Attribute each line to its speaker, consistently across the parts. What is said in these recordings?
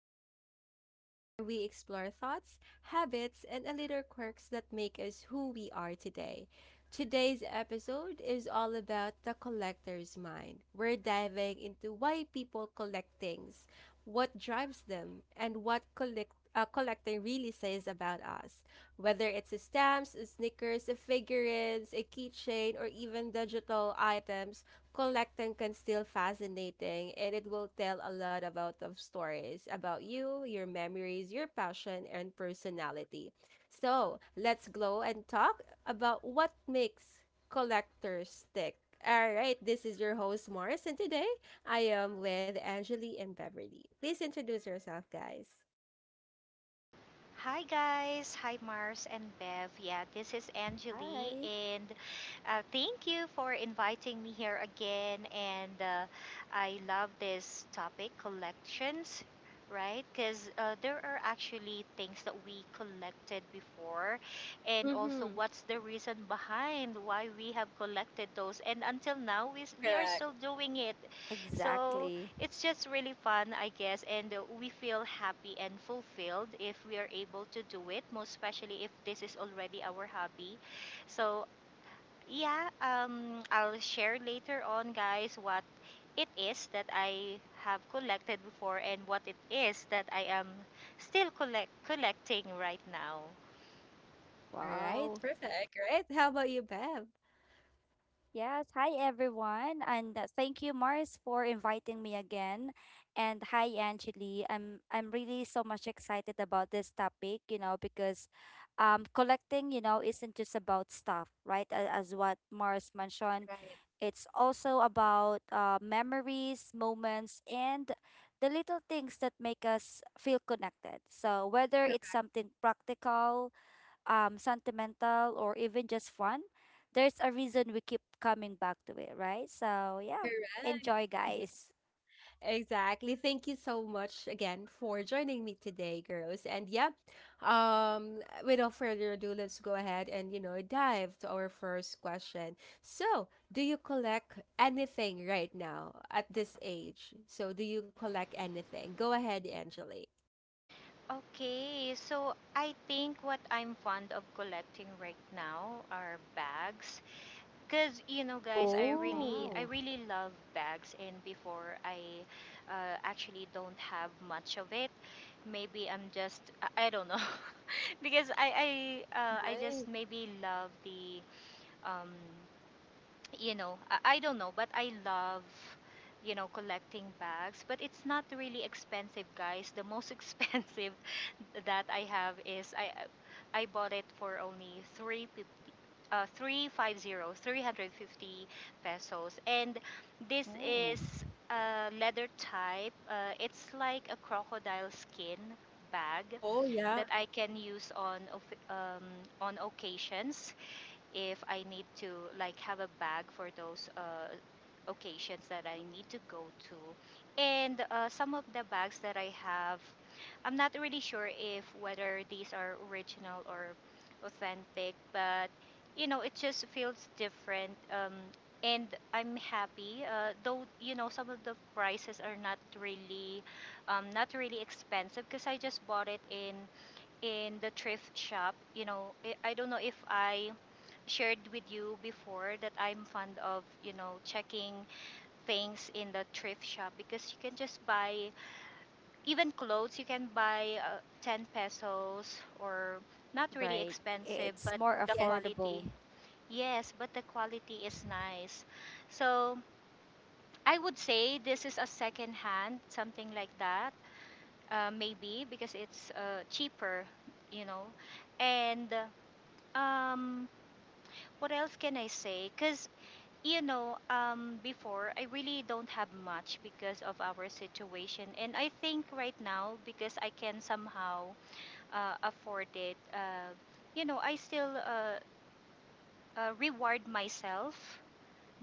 Speaker 1: again to Glow Talk, where we explore thoughts, habits, and a little quirks that make us who we are today. Today's episode is all about the collector's mind. We're diving into why people collect things, what drives them, and what collecting really says about us. Whether it's stamps, sneakers, figurines, a keychain, or even digital items, collecting can still fascinating and it will tell a lot about of stories about you, your memories, your passion, and personality. So let's go and talk about what makes collectors tick. All right, this is your host Morris, and today I am with Angeli and Beverly. Please introduce yourself, guys.
Speaker 2: Hi guys, hi Mars and Bev. Yeah, this is Angeli,
Speaker 3: Hi.
Speaker 2: and thank you for inviting me here again. And I love this topic, collections, right? Because there are actually things that we collected before, and also
Speaker 1: Mhm.
Speaker 2: what's the reason behind why we have collected those, and until now we are
Speaker 1: Correct.
Speaker 2: still doing it. So
Speaker 3: Exactly.
Speaker 2: it's just really fun, I guess, and we feel happy and fulfilled if we are able to do it, most especially if this is already our hobby. So, yeah, I'll share later on, guys, what it is that I have collected before and what it is that I am still collecting right now.
Speaker 1: All right.
Speaker 3: Wow.
Speaker 1: Perfect. Right. How about you, Bev?
Speaker 3: Yes. Hi, everyone. And thank you, Mars, for inviting me again. And hi, Angeli. I'm really so much excited about this topic, because collecting, isn't just about stuff, right? As what Mars mentioned,
Speaker 1: Right.
Speaker 3: it's also about memories, moments, and the little things that make us feel connected. So, whether
Speaker 1: Cor-
Speaker 3: it's something practical, sentimental or even just fun, there's a reason we keep coming back to it, right? So, yeah,
Speaker 1: Correct.
Speaker 3: enjoy,
Speaker 1: Yeah,
Speaker 3: guys.
Speaker 1: exactly. Thank you so much again for joining me today, girls. And yeah, um, without further ado, let's go ahead and, you know, dive to our first question. So, do you collect anything right now at this age? So, do you collect anything? Go ahead, Angelique.
Speaker 2: Okay, so I think what I'm fond of collecting right now are bags. Cause you know, guys,
Speaker 1: Oh,
Speaker 2: I
Speaker 3: Wow.
Speaker 2: really love bags, and before I actually don't have much of it. Maybe I don't know, because I, I just
Speaker 1: nice.
Speaker 2: maybe love the, um, you know, I, I don't know, but I love, you know, collecting bags. But it's not really expensive, guys. The most expensive that I have is I bought it for only 350 pesos. And this
Speaker 3: Oh,
Speaker 2: is a leather type. It's like a crocodile skin bag
Speaker 1: Oh, yeah.
Speaker 2: that I can use um, on occasions if I need to like have a bag for those occasions that I need to go to. And some of the bags that I have, I'm not really sure if whether these are original or authentic, but you know, it just feels different. And I'm happy, though you know some of the prices are not really, not really expensive because I just bought it in the thrift shop. You know, I don't know if I shared with you before that I'm fond of, you know, checking things in the thrift shop because you can just buy even clothes, you can buy 10 pesos or not really
Speaker 3: right.
Speaker 2: expensive,
Speaker 3: It's
Speaker 2: but
Speaker 3: more
Speaker 2: the
Speaker 1: Yes.
Speaker 2: quality.
Speaker 3: affordable.
Speaker 2: Yes, but the quality is nice. So I would say this is a second hand, something like that, maybe because it's cheaper, you know. And Um, what else can I say? Before I really don't have much because of our situation. And I think right now, because I can somehow afford it, I still reward myself.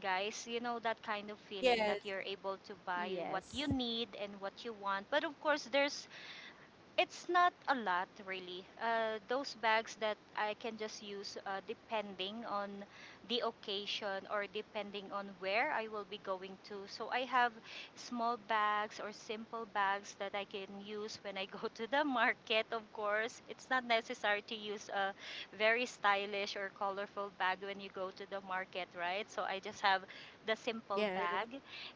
Speaker 2: Guys, you know that kind of feeling that
Speaker 1: Yes.
Speaker 2: you're able to buy what
Speaker 3: Yes,
Speaker 2: you need and what you want. But of course, there's it's not a lot, really. Those bags that I can just use depending on the occasion or depending on where I will be going to. So I have small bags or simple bags that I can use when I go to the market, of course. It's not necessary to use a very stylish or colorful bag when you go to the market, right? So I just have the simple
Speaker 1: Yes.
Speaker 2: bag.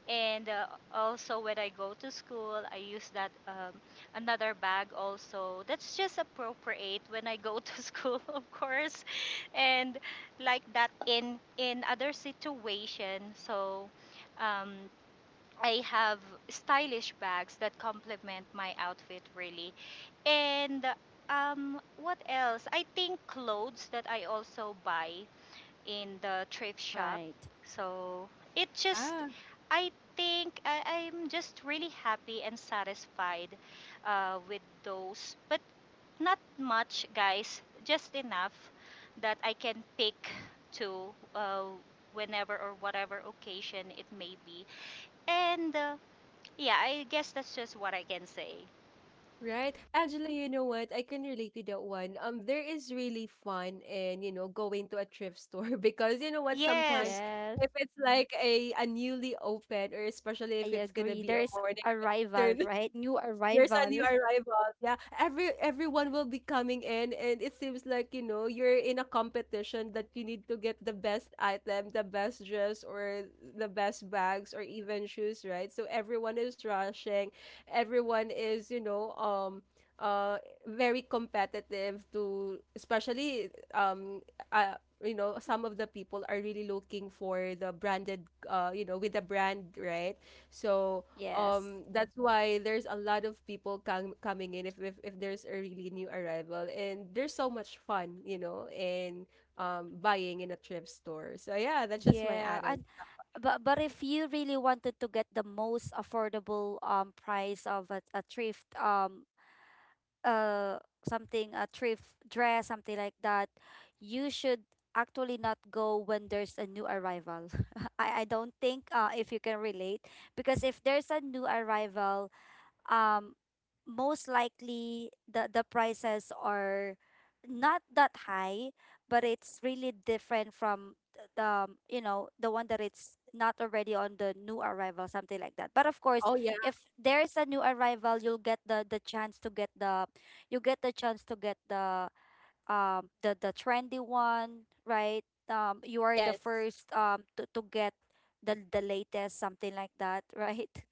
Speaker 2: And also when I go to school, I use that. Another bag also that's just appropriate when I go to school of course and like that in other situation so um I have stylish bags that complement my outfit really and what else I think clothes that I also buy in the thrift shop.
Speaker 3: right.
Speaker 2: So it just,
Speaker 1: Yeah.
Speaker 2: I think I'm just really happy and satisfied with those. But not much, guys, just enough that I can pick to uh, whenever or whatever occasion it may be. And yeah, I guess that's just what I can say.
Speaker 1: Right. Angela, you know what? I can relate to that one. There is really fun in, you know, going to a thrift store because you know what, sometimes
Speaker 2: Yes,
Speaker 3: Yes,
Speaker 1: if it's like a newly opened or especially
Speaker 3: I
Speaker 1: if it's gonna
Speaker 3: agree.
Speaker 1: be a
Speaker 3: There's
Speaker 1: morning or
Speaker 3: arrival,
Speaker 1: afternoon
Speaker 3: right? New
Speaker 1: there's a
Speaker 3: arrival.
Speaker 1: new arrival. Yeah, everyone will be coming in, and it seems like you know you're in a competition that you need to get the best item, the best dress, or the best bags, or even shoes, right? So everyone is rushing, everyone is you know very competitive to especially uh you know some of the people are really looking for the branded you know with the brand, right? So
Speaker 3: Yes.
Speaker 1: that's why there's a lot of people coming in if, if there's a really new arrival, and there's so much fun, you know, in buying in a thrift store. So yeah, that's just my
Speaker 3: Yeah,
Speaker 1: add-on.
Speaker 3: and but if you really wanted to get the most affordable price of uh a thrift dress, something like that, you should actually not go when there's a new arrival. I don't think, if you can relate, because if there's a new arrival, um most likely the prices are not that high, but it's really different from the the one that it's not already on the new arrival, something like that. But of course,
Speaker 1: Oh yeah,
Speaker 3: if there's a new arrival, you'll get the chance to get the you get the chance to get the trendy one, right? You are the
Speaker 1: yes,
Speaker 3: first, to get the latest, something like that. Right.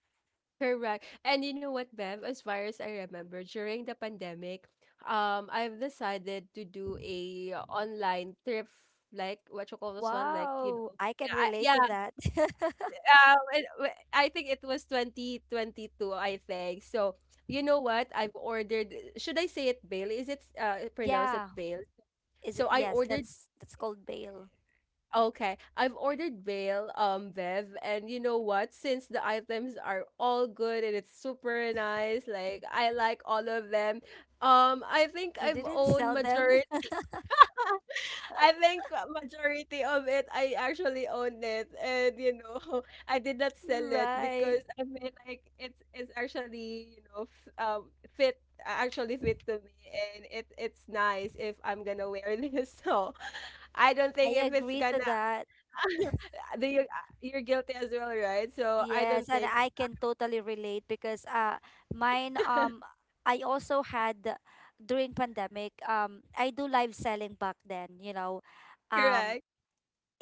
Speaker 1: correct. And you know what, Bev, as far as I remember, during the pandemic, I've decided to do a online thrift, like what you call this one, like you
Speaker 3: Wow,
Speaker 1: know,
Speaker 3: I can
Speaker 1: yeah, I,
Speaker 3: relate to
Speaker 1: yeah,
Speaker 3: that.
Speaker 1: I think it was 2022, I think. So, you know what? I've ordered, should I say it Bale? Is it pronounced it
Speaker 3: Yeah,
Speaker 1: Bale?
Speaker 3: is
Speaker 1: So
Speaker 3: it?
Speaker 1: I
Speaker 3: Yes,
Speaker 1: ordered,
Speaker 3: that's called bail.
Speaker 1: okay, I've ordered Bale, Bev, and you know what? Since the items are all good and it's super nice, like I like all of them. I think
Speaker 3: You
Speaker 1: I've
Speaker 3: didn't
Speaker 1: owned
Speaker 3: sell them,
Speaker 1: majority I think majority of it, I actually own it, and you know, I did not sell it
Speaker 3: right?
Speaker 1: because I mean, like it's actually you know fit actually fit to me, and it's nice if I'm gonna wear this. So I don't
Speaker 3: I
Speaker 1: think if it's
Speaker 3: agree to
Speaker 1: gonna
Speaker 3: that.
Speaker 1: do you you're guilty as well, right? So I
Speaker 3: Yes,
Speaker 1: don't
Speaker 3: and
Speaker 1: think
Speaker 3: I can totally relate because mine,
Speaker 1: that
Speaker 3: I also had, during pandemic, I do live selling back then. Um
Speaker 1: correct,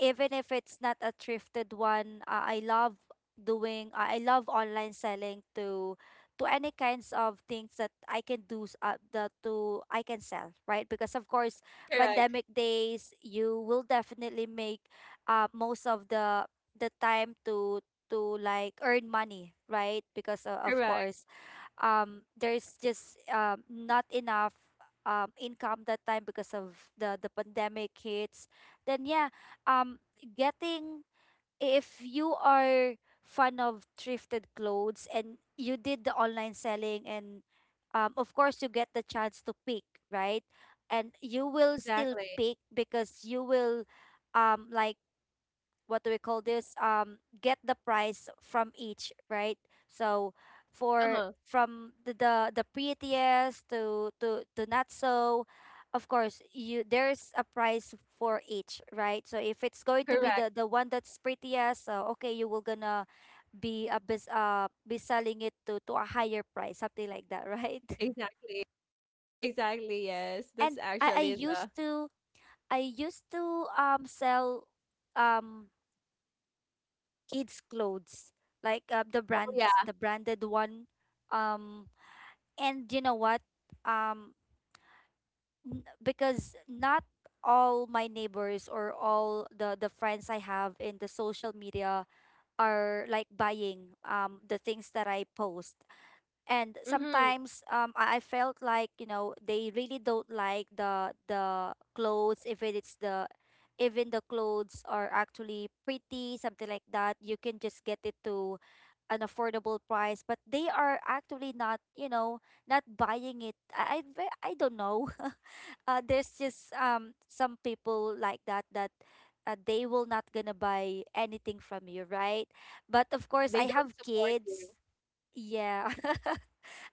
Speaker 3: Even if it's not a thrifted one, I love online selling to any kinds of things that I can do s- the to I can sell, right? Because of course,
Speaker 1: correct,
Speaker 3: pandemic days, you will definitely make, most of the time, to like earn money, right? Because, of
Speaker 1: correct,
Speaker 3: course, there's just not enough income that time because of the pandemic hits, then yeah. um getting If you are fan of thrifted clothes, and you did the online selling, and of course you get the chance to pick, right? And you will still
Speaker 1: exactly,
Speaker 3: pick because you will, like, what do we call this, get the price from each, right? So,
Speaker 1: uh
Speaker 3: for
Speaker 1: huh,
Speaker 3: from the prettiest to not so, of course you there's a price for each, right? So if it's going to be
Speaker 1: correct,
Speaker 3: the one that's prettiest, so okay, you will gonna be a bis be selling it to a higher price, something like that, right?
Speaker 1: exactly, exactly. Yes, that's
Speaker 3: And i i
Speaker 1: actually the
Speaker 3: used to i used to sell um kids clothes, like, the
Speaker 1: oh yeah.
Speaker 3: brands the branded one. um and you know what? um because not all my neighbors or all the friends I have in the social media are like buying the things that I post. And
Speaker 1: Mm-hmm.
Speaker 3: sometimes, I felt like, they really don't like the clothes, if it's the even the clothes are actually pretty, something like that, you can just get it to an affordable price, but they are actually not, you know, not buying it. I don't know. There's just some people like that, they will not gonna buy anything from you, right? But of course,
Speaker 1: They
Speaker 3: I
Speaker 1: don't
Speaker 3: have
Speaker 1: support you.
Speaker 3: kids. Yeah.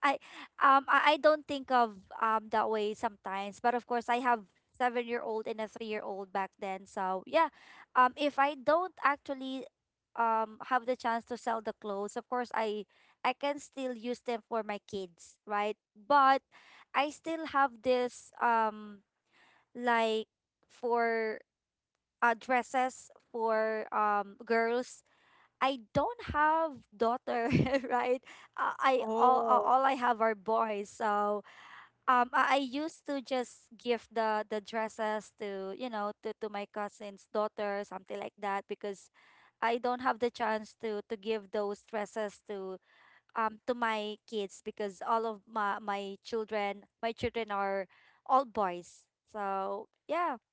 Speaker 3: I I don't think of that way sometimes, but of course I have 7-year-old and a 3-year-old back then. So yeah, if I don't actually have the chance to sell the clothes, of course I can still use them for my kids, right? But I still have this, like, for, dresses for girls. I don't have daughter, right? I
Speaker 1: Oh.
Speaker 3: all I have are boys. So I used to just give the dresses to, to my cousin's daughter, something like that, because I don't have the chance to give those dresses to my kids because all of my children are all boys. So yeah.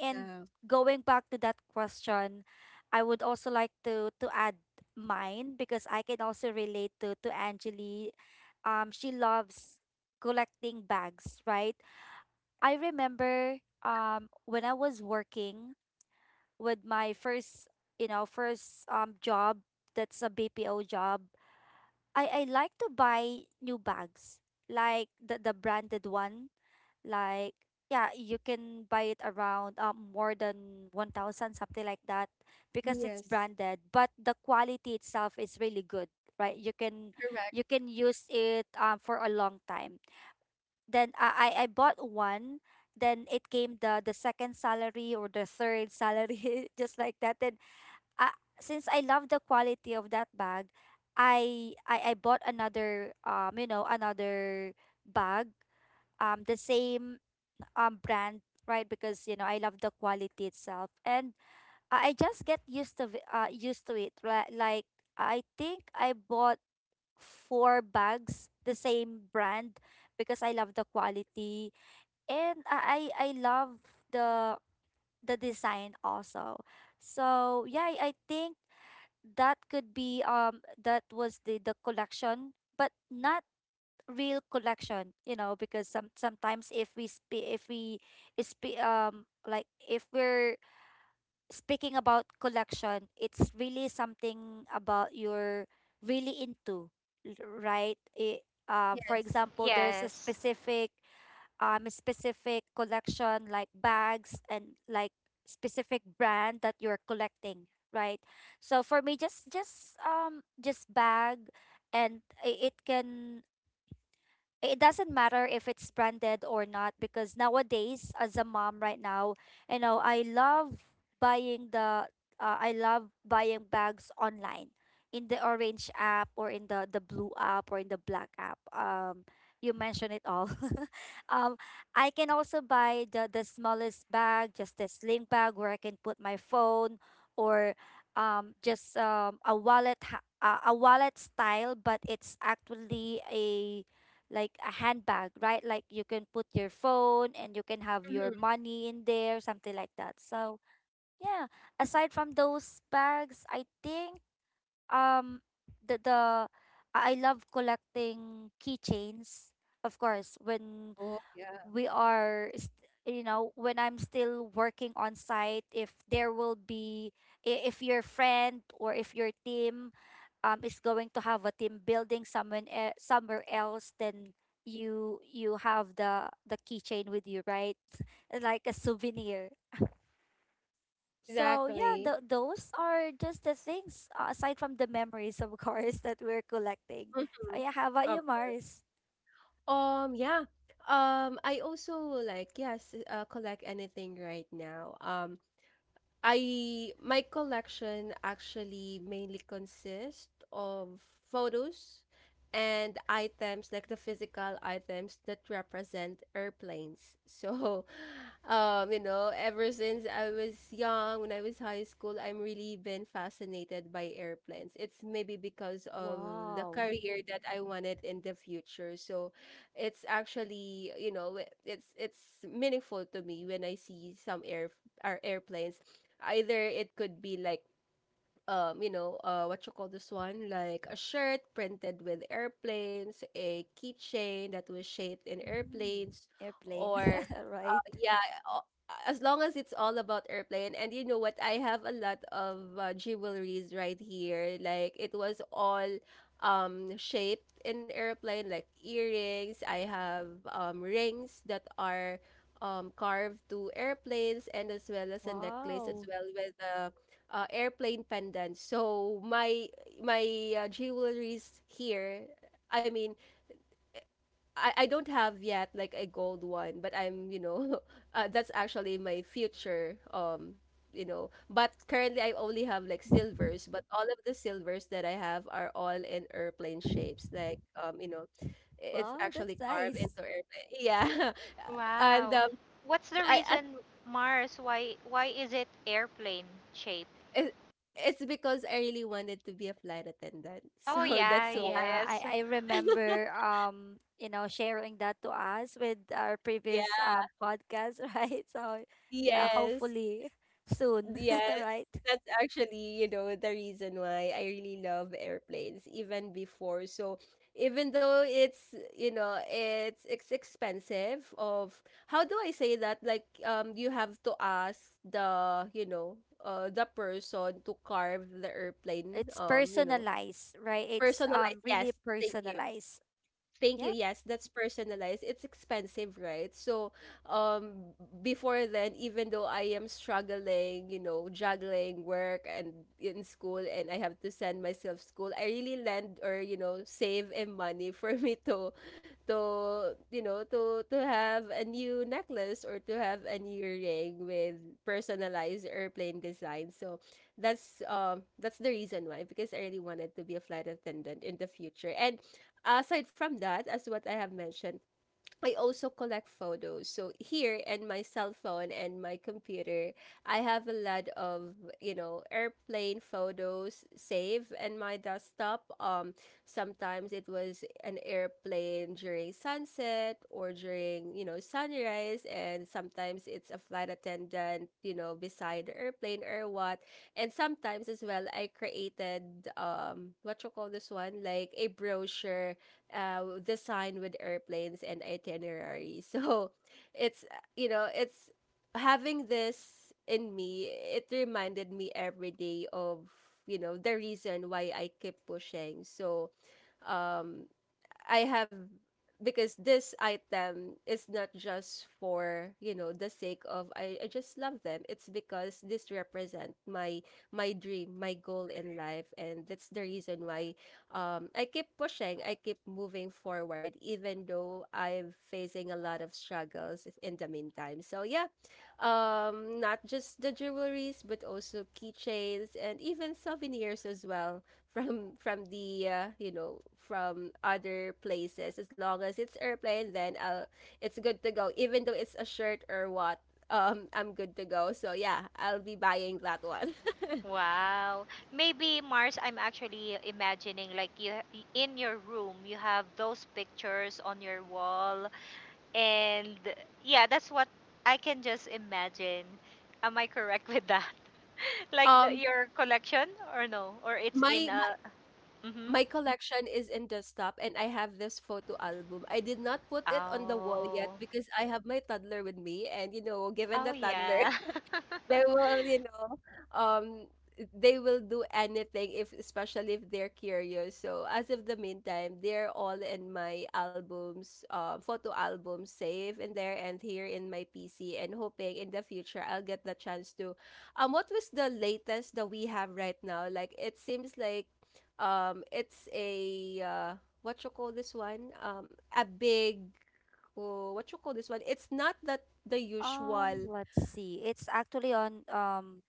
Speaker 3: And
Speaker 1: Yeah.
Speaker 3: going back to that question, I would also like to add mine because I can also relate to Angeli. She loves collecting bags, right? I remember
Speaker 1: Yeah.
Speaker 3: when I was working with my first job, that's a BPO job. I like to buy new bags, like the branded one. Like, yeah, you can buy it around more than 1,000, something like that, because it's
Speaker 1: Yes.
Speaker 3: branded, but the quality itself is really good, right? You can
Speaker 1: Correct.
Speaker 3: you can use it for a long time. Then I bought one, then it came the second salary or the third salary, just like that. Then, uh, since I love the quality of that bag, I bought another, another bag, the same brand, right? Because, I love the quality itself, and I just get used to it, right? Like, I think I bought four bags the same brand because I love the quality, and I love the the design also. So yeah, I think that could be, that was the collection, but not real collection, because sometimes, if we're speaking about collection, it's really something about you're really into right, for
Speaker 1: Yes.
Speaker 3: example, there's a
Speaker 2: yes.
Speaker 3: specific, a specific collection, like bags, and like specific brand that you're collecting, right? So for me, just just bag, and it doesn't matter if it's branded or not, because nowadays as a mom right now, I love buying the buying bags online, in the orange app, or in the blue app, or in the black app. You mentioned it all. um I can also buy the smallest bag, just a sling bag where I can put my phone. Or just, a wallet style, but it's actually a like a handbag, right? Like, you can put your phone, and you can have your
Speaker 1: Hmm.
Speaker 3: money in there, something like that. So yeah, aside from those bags, I think um the I love collecting keychains. Of course, when
Speaker 1: Oh, yeah.
Speaker 3: we are st- you know when I'm still working on site, if there will be I- if your friend or if your team, is going to have a team building somewhere else, then you have the keychain with you, right? Like a souvenir. So yeah,
Speaker 1: Exactly.
Speaker 3: those are just the things, aside from the memories, of course, that we're collecting. So
Speaker 1: Mm-hmm.
Speaker 3: yeah, how about
Speaker 1: Um,
Speaker 3: you, Mars?
Speaker 1: yeah. I also like yes, collect anything right now. I my collection actually mainly consists of photos and items like the physical items that represent airplanes. So, you know, ever since I was young, when I was high school, I'm really been fascinated by airplanes. It's maybe because of the
Speaker 3: Wow.
Speaker 1: career that I wanted in the future. So, it's actually, you know, it's meaningful to me when I see some air our airplanes either it could be like you know, what you call this one? Like a shirt printed with airplanes, a keychain that was shaped in
Speaker 3: mm,
Speaker 1: airplanes,
Speaker 3: Airplane.
Speaker 1: or
Speaker 3: Right.
Speaker 1: yeah, o- as long as it's all about airplane. And you know what? I have a lot of jewelries right here. Like it was all shaped in airplane, like earrings. I have rings that are carved to airplanes, and as well as a necklace as
Speaker 3: Wow.
Speaker 1: well with the airplane pendants. So my jewelries here. I mean, I don't have yet like a gold one, but I'm you know, that's actually my future. You know, but currently I only have like
Speaker 3: Mhm.
Speaker 1: silvers. But all of the silvers that I have are all in airplane shapes. Like you know, it's
Speaker 3: Wow, that's
Speaker 1: actually carved
Speaker 3: nice.
Speaker 1: into airplane. Yeah, and
Speaker 2: Wow. What's the
Speaker 1: I
Speaker 2: reason, Mars? Why is it airplane shape?
Speaker 1: it, it's because I really wanted to be a flight attendant.
Speaker 2: Oh
Speaker 1: So
Speaker 2: yeah,
Speaker 1: that's why.
Speaker 3: Yeah, I,
Speaker 2: yes.
Speaker 3: I remember, sharing that to us with our previous
Speaker 1: Yeah.
Speaker 3: podcast, right? So yeah,
Speaker 1: Yes.
Speaker 3: hopefully soon,
Speaker 1: Yes.
Speaker 3: right?
Speaker 1: That's actually, you know, the reason why I really love airplanes even before. So even though it's, you know, it's expensive of how do I say that? Like you have to ask the, you know, the person to carve the airplane.
Speaker 3: It's
Speaker 1: You know,
Speaker 3: personalized, right? It's
Speaker 1: personalized.
Speaker 3: really
Speaker 1: Yes. Thank you.
Speaker 3: personalized.
Speaker 1: Thank you.
Speaker 3: Yep.
Speaker 1: Yes, that's personalized. It's expensive, right? So, um, before then, even though I am struggling, you know, juggling work and in school, and I have to send myself school, I really lend or you know save and money for me to, you know to have a new necklace or to have a new ring with personalized airplane design. So, that's the reason why because I really wanted to be a flight attendant in the future and aside from that, as what I have mentioned, I also collect photos. So here in my cell phone and my computer, I have a lot of, you know, airplane photos saved in my desktop. Sometimes it was an airplane during sunset or during, you know, sunrise and sometimes it's a flight attendant, you know, beside the airplane or what. And sometimes as well I created what you call this one? Like a brochure design with airplanes and itinerary. So it's, you know, it's having this in me, it reminded me every day of, you know, the reason why I keep pushing. So, um. I have because this item is not just for you know the sake of I just love them it's because this represent my dream my goal in life and that's the reason why I keep pushing I keep moving forward even though I'm facing a lot of struggles in the meantime so yeah not just the jewelries but also keychains and even souvenirs as well from the you know from other places as long as it's airplane then I'll, it's good to go even though it's a shirt or what I'm good to go so yeah I'll be buying that one
Speaker 2: Wow. Maybe Mars, I'm actually imagining like in your room, you have those pictures on your wall and yeah, that's what I can just imagine. Am I correct with that? Like
Speaker 1: um
Speaker 2: your collection or no? Or it's in
Speaker 1: my, my
Speaker 2: a mhm.
Speaker 1: my collection is in desktop and I have this photo album I did not put it on the wall yet
Speaker 2: Oh.
Speaker 1: because I have my toddler with me and you know given
Speaker 2: Oh
Speaker 1: the toddler
Speaker 2: yeah.
Speaker 1: they will, you know, um, they will do anything if, especially if they're curious. So as of the meantime, they're all in my albums, photo albums, safe in there and here in my PC, and hoping in the future I'll get the chance to. What was the latest that we have right now? Like it seems like, it's a what you call this one? A big. Oh, what you call this one? It's not that the usual
Speaker 3: Let's see. It's actually on um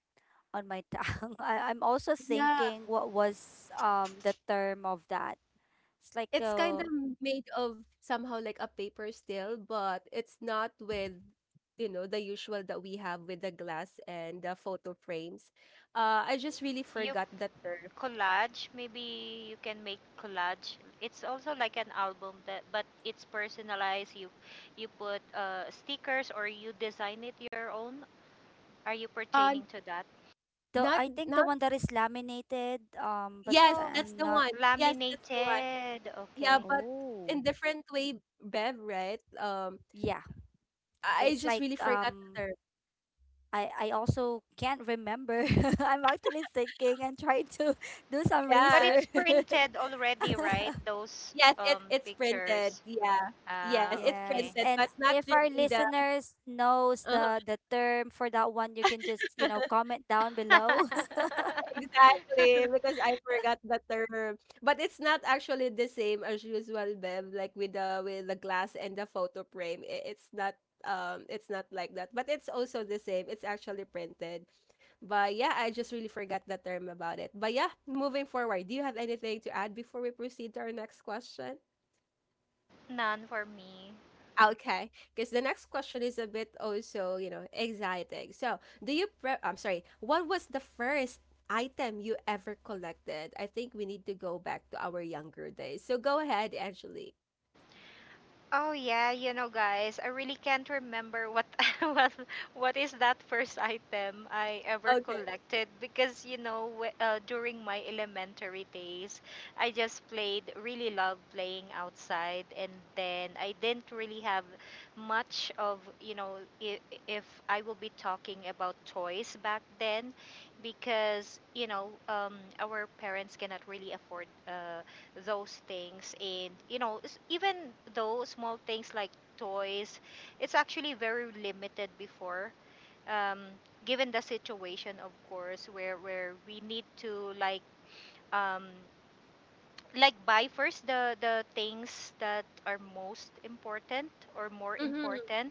Speaker 3: on my tongue. I'm also thinking what was the term of that. It's like,
Speaker 1: it's kind of made of somehow like a paper still, but it's not with you know the usual that we have with the glass and the photo frames. I just really
Speaker 2: You.
Speaker 1: forgot the term.
Speaker 2: Collage. Maybe you can make collage. It's also like an album that, but it's personalized. You put stickers or you design it your own. Are you
Speaker 1: Uh,
Speaker 2: pertaining to that?
Speaker 3: the I think the
Speaker 1: not
Speaker 3: one that is laminated, but
Speaker 1: yes,
Speaker 2: Oh,
Speaker 1: that's
Speaker 3: I'm
Speaker 1: the
Speaker 3: not.
Speaker 1: one. Yes, that's the one.
Speaker 2: laminated.
Speaker 1: Yeah,
Speaker 2: Okay.
Speaker 1: but
Speaker 3: Oh,
Speaker 1: in different way, Bev, right?
Speaker 3: yeah.
Speaker 1: I
Speaker 3: It's
Speaker 1: just
Speaker 3: like,
Speaker 1: really forgot the term.
Speaker 3: I also can't remember. I'm actually thinking and trying to, do some
Speaker 1: Yeah,
Speaker 2: But it's
Speaker 3: research.
Speaker 2: printed already, right? Those
Speaker 1: yes, it it's printed.
Speaker 2: pictures.
Speaker 1: Yeah, yes,
Speaker 2: Ah,
Speaker 1: it's
Speaker 3: Yes,
Speaker 2: okay.
Speaker 1: printed,
Speaker 3: and
Speaker 1: but not
Speaker 3: if our
Speaker 1: really the.
Speaker 3: listeners knows
Speaker 1: Uh-huh.
Speaker 3: the term for that one, you can just, comment down below.
Speaker 1: Exactly, because I forgot the term. But it's not actually the same as usual, Bev, like with the glass and the photo frame. It's not like that. But it's also the same. It's actually printed. But yeah, I just really forgot the term about it. But yeah, moving forward, do you have anything to add before we proceed to our next question?
Speaker 2: None for me.
Speaker 1: Okay, because the next question is a bit also, you know, exciting. So, I'm sorry, what was the first item you ever collected? I think we need to go back to our younger days. So, go ahead, Angeli.
Speaker 2: Oh yeah, you know guys, I really can't remember what what what is that first item I ever
Speaker 1: Okay.
Speaker 2: collected because you know during my elementary days, I just played really loved playing outside and then I didn't really have much of, you know, i- if I will be talking about toys back then because, you know, our parents cannot really afford those things and you know even though small things like toys it's actually very limited before um, given the situation of course where we need to um, like buy first the things that are most important or more
Speaker 1: Mm-hmm.
Speaker 2: important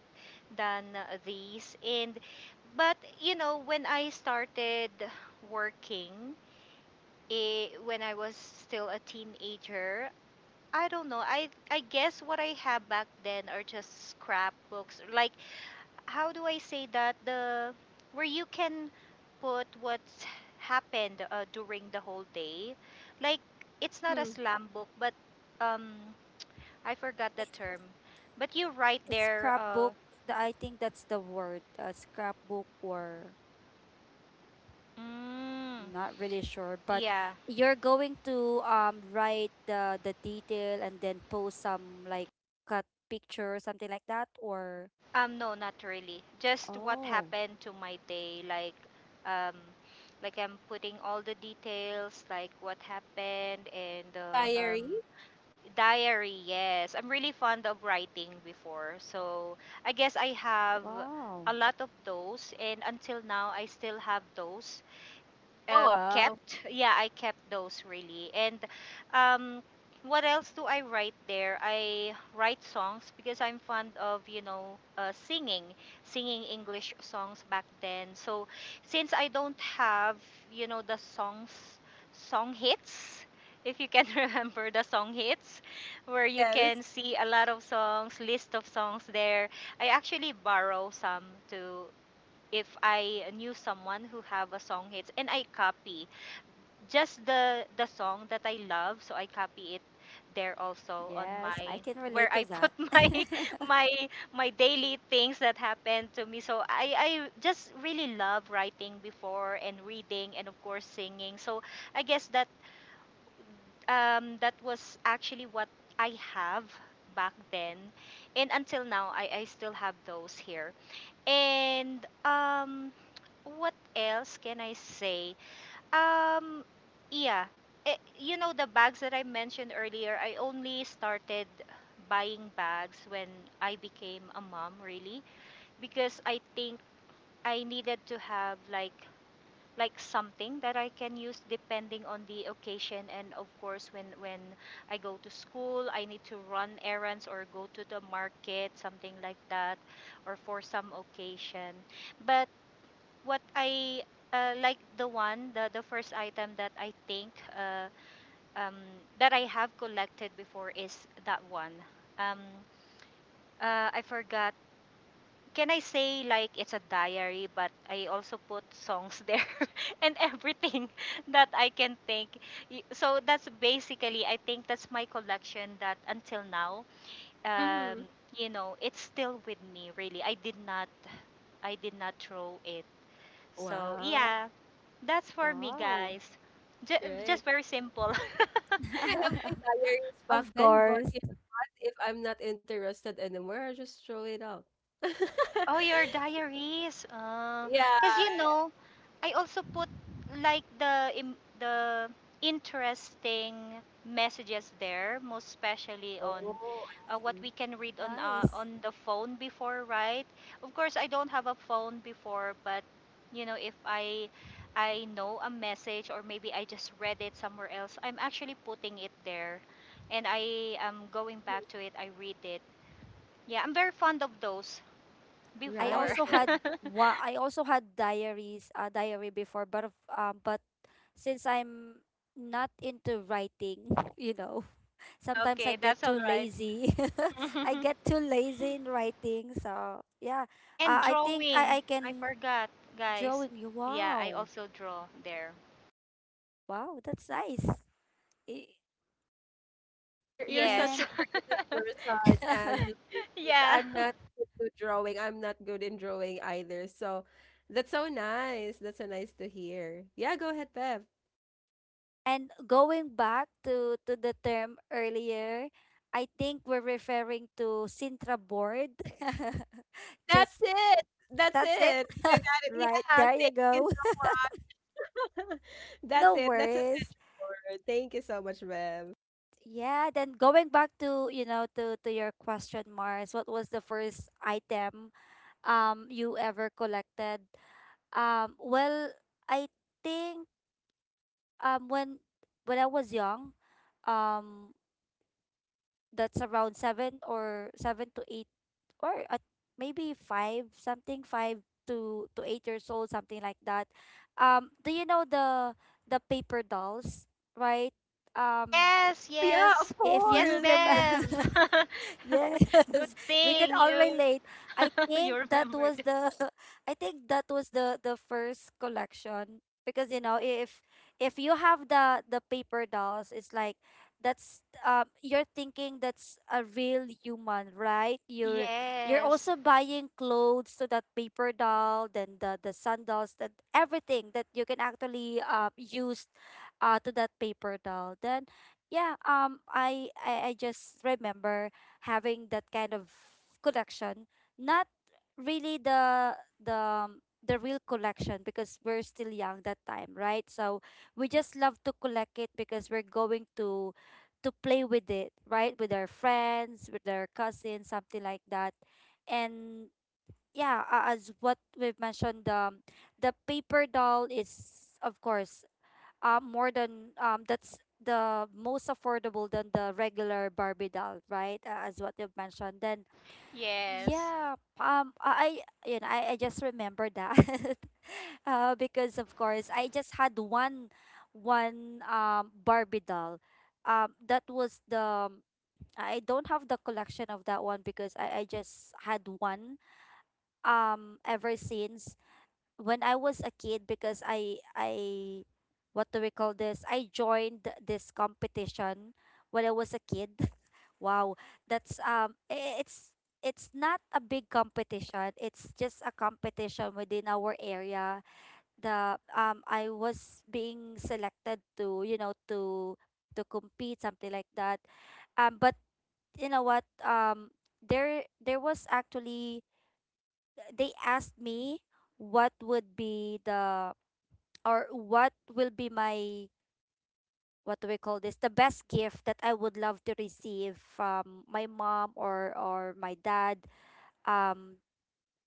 Speaker 2: than these and but you know when I started working when I was still a teenager. I don't know. I guess what I have back then are just scrapbooks. Like how do I say that the where you can put what's happened during the whole day. Like it's not a
Speaker 1: Hmm.
Speaker 2: slam book, but um I forgot the term. But you write there.
Speaker 3: Scrapbook, I think that's the word, scrapbook or,
Speaker 2: Mm,
Speaker 3: not really sure, but
Speaker 2: yeah.
Speaker 3: you're going to write the detail and then post some, like, cut picture, something like that, or.
Speaker 2: No, not really. Just what
Speaker 3: Oh,
Speaker 2: happened to my day, um, like I'm putting all the details, like what happened, and the
Speaker 1: Diary?
Speaker 2: diary. Yes, I'm really fond of writing before, so I guess I have
Speaker 3: wow.
Speaker 2: a lot of those, and until now I still have those
Speaker 1: Oh, wow.
Speaker 2: kept. Yeah, I kept those really. And um, what else do I write there? I write songs because I'm fond of, you know, singing English songs back then. So since I don't have, you know, the songs, song hits, if you can remember the song hits, where you
Speaker 1: Yes.
Speaker 2: can see a lot of songs, list of songs there. I actually borrow some to if I knew someone who have a song hits and I copy just the song that I love, so I copy it there also on
Speaker 3: Yes, I
Speaker 2: my
Speaker 3: can
Speaker 2: where
Speaker 3: relate to
Speaker 2: I
Speaker 3: that.
Speaker 2: put my my daily things that happened to me. So I just really love writing before and reading and of course singing. So I guess that that was actually what I have back then and until now, I still have those here and what else can I say? Um, yeah, you know the bags that I mentioned earlier. I only started buying bags when I became a mom, really, because I think I needed to have like something that I can use depending on the occasion and of course when I go to school I need to run errands or go to the market something like that or for some occasion but what I like the first item that I think um, that I have collected before is that one. Um, I forgot. Can I say like it's a diary, but I also put songs there and everything that I can think. So that's basically I think that's my collection that until now, um,
Speaker 1: Mm-hmm.
Speaker 2: you know, it's still with me. Really, I did not throw it. So
Speaker 1: Wow.
Speaker 2: yeah, that's for me,
Speaker 3: Wow.
Speaker 2: guys. J-
Speaker 1: Right.
Speaker 2: just very simple.
Speaker 1: I have my diaries back
Speaker 3: Of
Speaker 1: then, but
Speaker 3: course.
Speaker 1: you know, if I'm not interested anymore, I just throw it out. So,
Speaker 2: Oh, your diaries.
Speaker 1: yeah.
Speaker 2: Cause you know, I also put like the interesting messages there, most especially on
Speaker 1: Oh, I
Speaker 2: what
Speaker 1: see.
Speaker 2: we can read
Speaker 3: Nice.
Speaker 2: on the phone before, right? Of course, I don't have a phone before, but you know, if I I know a message or maybe I just read it somewhere else, I'm actually putting it there, and I am going back to it. I read it. Yeah, I'm very fond of those.
Speaker 3: I
Speaker 2: Before.
Speaker 1: Right,
Speaker 3: also had
Speaker 1: right.
Speaker 3: wa I also had diaries, a diary before, but but since I'm not into writing, you know. Sometimes I
Speaker 2: okay,
Speaker 3: get
Speaker 2: that's
Speaker 3: too
Speaker 2: all right.
Speaker 3: lazy. I get too lazy in writing. So yeah,
Speaker 2: and
Speaker 3: I think,
Speaker 2: drawing.
Speaker 3: I
Speaker 2: I
Speaker 3: can
Speaker 2: forgot, guys.
Speaker 3: drawing you.
Speaker 2: Yeah, I
Speaker 3: Wow,
Speaker 2: also draw there.
Speaker 3: wow, that's nice. I-
Speaker 1: You're such
Speaker 2: Yes.
Speaker 3: And
Speaker 1: a creative person, Angela. 'Cause
Speaker 2: yeah.
Speaker 1: I'm not good to drawing. I'm not good in drawing either. So that's so nice. That's so nice to hear. Yeah, go ahead, Bev.
Speaker 3: and going back to the term earlier, I think we're referring to Sintra board.
Speaker 1: That's
Speaker 3: Just,
Speaker 1: it. That's
Speaker 3: that's it.
Speaker 1: it. You got it.
Speaker 3: Right,
Speaker 1: Yeah,
Speaker 3: there you
Speaker 1: thank you.
Speaker 3: go.
Speaker 1: That's
Speaker 3: No
Speaker 1: it. That's essential
Speaker 3: worries.
Speaker 1: word. Thank you so much, Bev.
Speaker 3: Yeah, then going back to, to your question, Mars, what was the first item, you ever collected? Well, I think, um when when I was young, um that's around seven or seven to eight, or at maybe five something, five to 8 years old, something like that. Do you know the paper dolls, right? Um,
Speaker 2: Yes,
Speaker 1: Oh yeah,
Speaker 2: yes.
Speaker 1: of
Speaker 3: if
Speaker 2: Yes,
Speaker 3: you
Speaker 1: course.
Speaker 3: remember
Speaker 2: Bev.
Speaker 3: Yes,
Speaker 2: Good
Speaker 3: we can
Speaker 2: thing
Speaker 3: all
Speaker 2: you
Speaker 3: relate. I
Speaker 2: you
Speaker 3: think that was
Speaker 2: remembered.
Speaker 3: the I think that was the first collection, because you know if you have the paper dolls, it's like that's you're thinking that's a real human, right? You're
Speaker 2: Yes.
Speaker 3: also buying clothes to that paper doll, then the sandals, that everything that you can actually use to that paper doll. Then yeah I just remember having that kind of collection, not really the the real collection, because we're still young that time, right? So we just love to collect it because we're going to play with it, right, with our friends, with our cousins, something like that. And yeah, as what we've mentioned, the paper doll is of course more than that's the most affordable than the regular barbidal, right? As what you've mentioned, then
Speaker 2: Yes.
Speaker 3: yeah um i you know, I just remember that because of course I just had one one barbie doll. That was the I don't have the collection of that one because i just had one ever since when I was a kid, because I what do we call this? I joined this competition when I was a kid. Wow, that's um i- it's it's not a big competition. It's just a competition within our area. The I was being selected to, you know, to compete, something like that. But you know what, there was actually they asked me what would be the or what will be my what do we call this, the best gift that I would love to receive from my mom or my dad um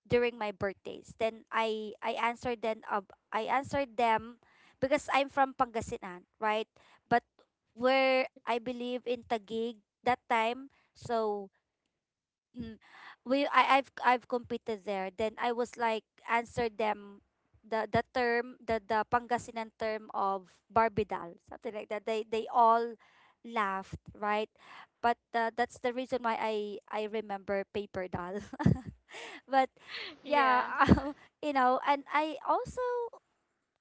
Speaker 3: during my birthdays. Then I answered, then I answered them because I'm from Pangasinan, right? But where I believe in Taguig that time. So Mm. we I've competed there. Then I was like answer them the term, the Pangasinan term of barbidal, something like that. They all laughed, right, but that's the reason why I remember paper doll, but yeah
Speaker 2: Yeah.
Speaker 3: um, you know, and I also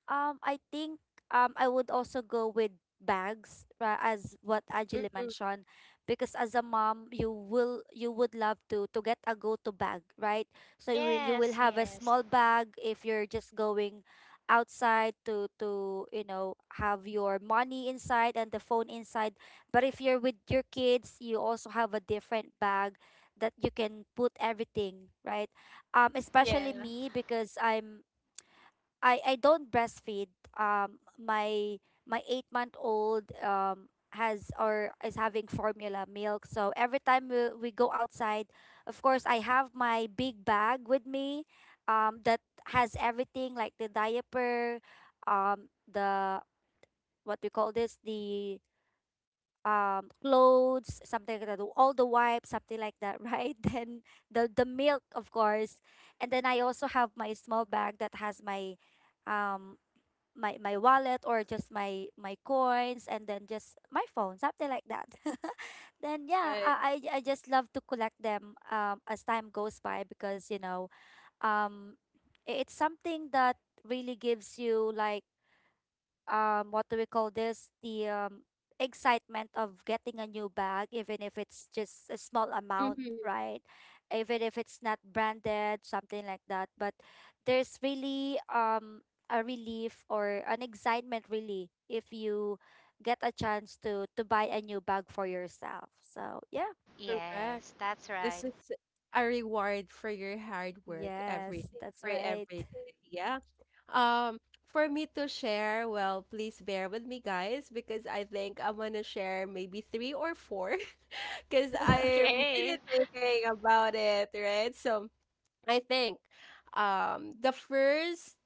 Speaker 3: I think I would also go with bags, as what Angeli
Speaker 1: Hmm.
Speaker 3: mentioned, because as a mom you will you would love to get a go-to bag, right? So you, you will
Speaker 2: Yes,
Speaker 3: have a
Speaker 2: yes.
Speaker 3: small bag if you're just going outside, to you know have your money inside and the phone inside. But if you're with your kids, you also have a different bag that you can put everything, right? Especially
Speaker 2: Yeah.
Speaker 3: me, because I'm I don't breastfeed. My my 8-month old has or is having formula milk. So every time we go outside, of course I have my big bag with me, that has everything like the diaper, the what we call this, the clothes, something like that, all the wipes, something like that, right? Then the milk, of course, and then I also have my small bag that has my um my wallet, or just my coins, and then just my phone, something like that. Then yeah,
Speaker 1: Right.
Speaker 3: I just love to collect them, as time goes by, because you know, um it's something that really gives you like what do we call this, the excitement of getting a new bag, even if it's just a small amount,
Speaker 1: Hmm.
Speaker 3: right? Even if it's not branded, something like that, but there's really a relief or an excitement really if you get a chance to buy a new bag for yourself. So yeah.
Speaker 1: Correct.
Speaker 2: Yes, that's
Speaker 1: This
Speaker 2: right.
Speaker 1: is a reward for your hard work every
Speaker 3: Yes,
Speaker 1: day,
Speaker 3: that's
Speaker 1: for
Speaker 3: right.
Speaker 1: every day. Yeah. Um, for me to share, well, please bear with me, guys, because I think I'm gonna share maybe three or four, because I'm really
Speaker 2: Okay.
Speaker 1: thinking about it, right? So I think, the first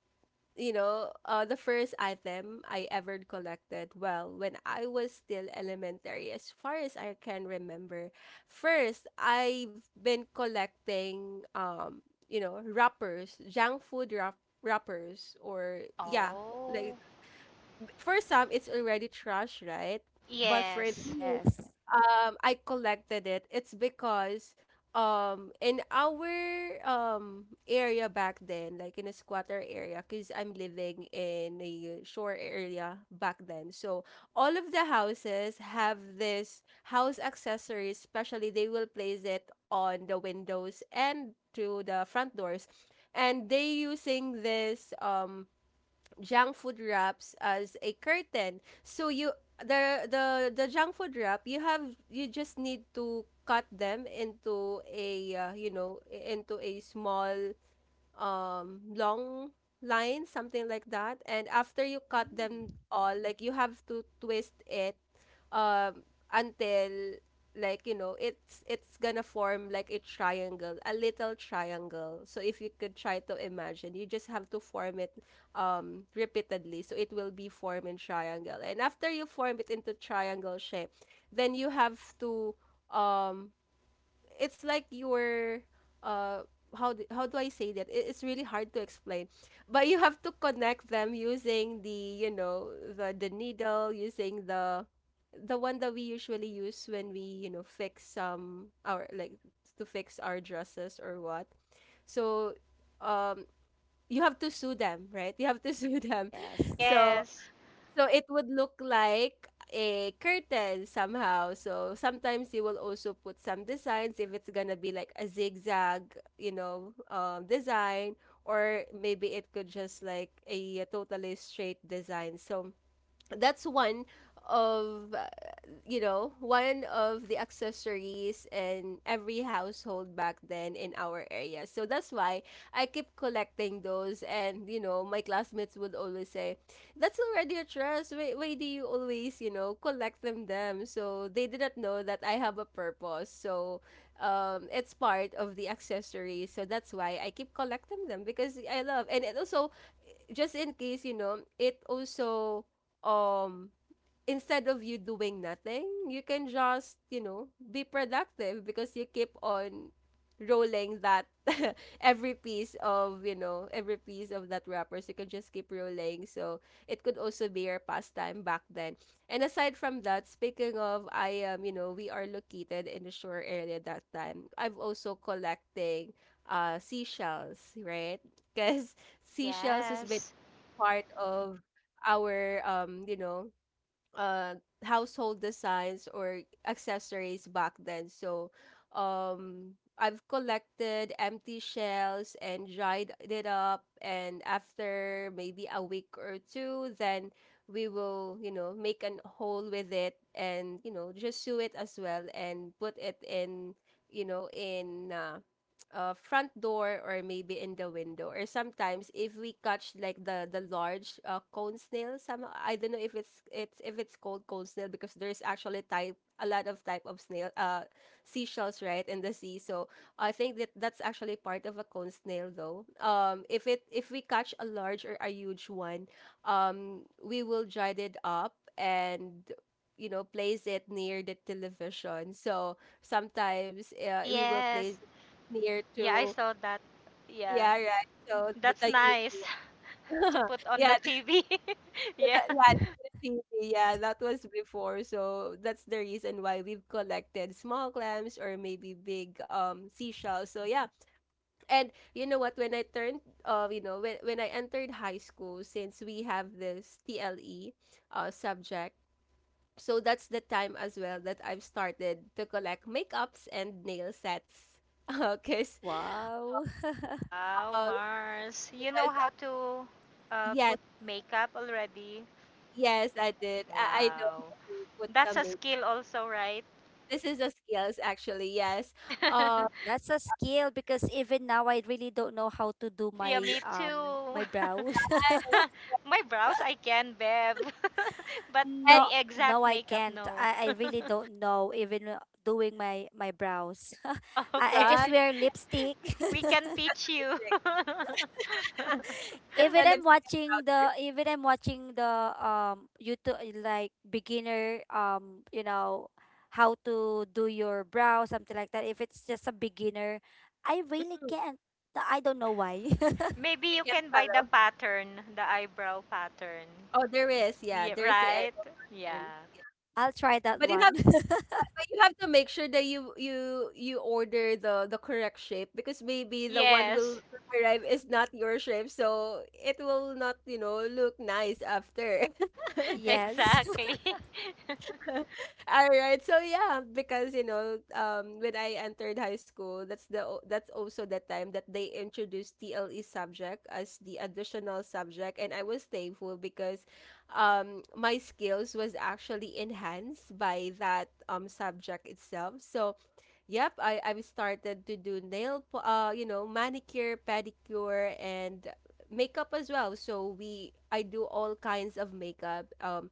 Speaker 1: the first item I ever collected, well, when I was still elementary, as far as I can remember, first I've been collecting, you know, wrappers, junk food wrappers, or yeah, like
Speaker 2: Oh.
Speaker 1: for some it's already trash, right? But for
Speaker 2: Yes.
Speaker 1: me,
Speaker 3: Yes.
Speaker 1: I collected it. It's because in our area back then, like in a squatter area, because I'm living in a shore area back then. So all of the houses have this house accessories, especially they will place it on the windows and to the front doors. And they using this junk food wraps as a curtain. So you the the junk food wrap you have you just need to cut them into a you know into a small long line something like that, and after you cut them
Speaker 3: Mm.
Speaker 1: all, like you have to twist it um until, like you know, it's gonna form like a triangle, a little triangle. So if you could try to imagine, you just have to form it repeatedly, so it will be forming triangle, and after you form it into triangle shape, then you have to um it's like you're uh how do I say that? It's really hard to explain, but you have to connect them using the, you know, the needle, using the one that we usually use when we, you know, fix some our like to fix our dresses or what. So um you have to sew them, right? You have to sew them.
Speaker 3: Yes.
Speaker 1: So
Speaker 2: Yes.
Speaker 1: so it would look like a curtain somehow. So sometimes you will also put some designs if it's gonna be like a zigzag, you know, design, or maybe it could just like a totally straight design. So that's one of you know, one of the accessories in every household back then in our area, so that's why I keep collecting those. And you know, my classmates would always say that's already a dress, why do you always, you know, collect them, so they didn't know that I have a purpose. So it's part of the accessories, so that's why I keep collecting them because I love, and it also just in case, you know, it also um instead of you doing nothing, you can just, you know, be productive because you keep on rolling that every piece of, you know, every piece of that wrappers. You can just keep rolling. So it could also be your pastime back then. And aside from that, speaking of I am, you know, we are located in the shore area that time. I've also collecting seashells, right? Because
Speaker 2: Oh,
Speaker 1: seashells has been
Speaker 2: yes.
Speaker 1: part of our you know uh household designs or accessories back then. So I've collected empty shells and dried it up, and after maybe a week or two, then we will, you know, make an hole with it and, you know, just sew it as well and put it in, you know, in front door or maybe in the window. Or sometimes if we catch like the large cone snail, some, I don't know if it's it's if it's called cone snail, because there's actually type a lot of type of snail seashells right in the sea. So I think that that's actually part of a cone snail, though. If it, if we catch a large or a huge one, we will dried it up and, you know, place it near the television. So sometimes we will place
Speaker 2: Yes.
Speaker 1: near
Speaker 2: Yeah, I
Speaker 1: to,
Speaker 2: saw that. Yeah.
Speaker 1: yeah, right. So
Speaker 2: That's
Speaker 1: the huge
Speaker 2: nice to
Speaker 1: one.
Speaker 2: put on
Speaker 1: Yeah,
Speaker 2: the TV. yeah.
Speaker 1: yeah, the TV, yeah, that was before. So that's the reason why we've collected small clams or maybe big seashells. So yeah. And you know what, when I turned you know, when I entered high school, since we have this TLE subject, so that's the time as well that I've started to collect makeups and nail sets. Because
Speaker 3: Wow.
Speaker 2: Wow,
Speaker 1: uh,
Speaker 2: Mars. You know
Speaker 1: yes,
Speaker 2: how to
Speaker 1: yes,
Speaker 2: put makeup already?
Speaker 1: Yes, I did. I know
Speaker 2: Wow.
Speaker 1: how to put
Speaker 2: That's
Speaker 1: some
Speaker 2: a
Speaker 1: makeup.
Speaker 2: skill also, right?
Speaker 1: This is a skills actually, yes. Uh,
Speaker 3: That's a skill, because even now I really don't know how to do
Speaker 2: yeah,
Speaker 3: my
Speaker 2: me too.
Speaker 3: my brows.
Speaker 2: My brows I can, Bev. but
Speaker 1: and
Speaker 2: the
Speaker 3: No, no,
Speaker 2: exact
Speaker 3: I
Speaker 2: makeup,
Speaker 3: can't.
Speaker 2: no.
Speaker 3: I really don't know, even doing my my brows. I
Speaker 1: right,
Speaker 3: just
Speaker 2: okay.
Speaker 3: wear lipstick.
Speaker 2: We can
Speaker 1: just a
Speaker 2: teach you.
Speaker 1: lipstick. Just a lipstick and
Speaker 3: Even I'm watching the YouTube, like beginner, you know, how to do your brow, something like that. If it's just a beginner, I really
Speaker 1: powder. Mm,
Speaker 3: can't. I don't know why.
Speaker 2: Maybe you
Speaker 1: you can
Speaker 2: can buy the
Speaker 1: follow.
Speaker 2: pattern, the eyebrow pattern.
Speaker 1: Oh, there is, yeah,
Speaker 2: Yeah,
Speaker 1: there is a
Speaker 2: right?
Speaker 1: eyebrow
Speaker 2: Yeah.
Speaker 1: pattern. Yeah.
Speaker 3: I'll try that
Speaker 1: But you
Speaker 3: one.
Speaker 1: have but you have to make sure that you order the correct shape, because maybe the one will
Speaker 2: Yes.
Speaker 1: arrive is not your shape, so it will not, you know, look nice after.
Speaker 3: Yes.
Speaker 2: Exactly.
Speaker 1: All right. So yeah, because you know, when I entered high school, that's that's also the time that they introduced TLE subject as the additional subject, and I was thankful because, my skills was actually enhanced by that subject itself. So yep, I I've started to do you know, manicure, pedicure and makeup as well. So we I do all kinds of makeup.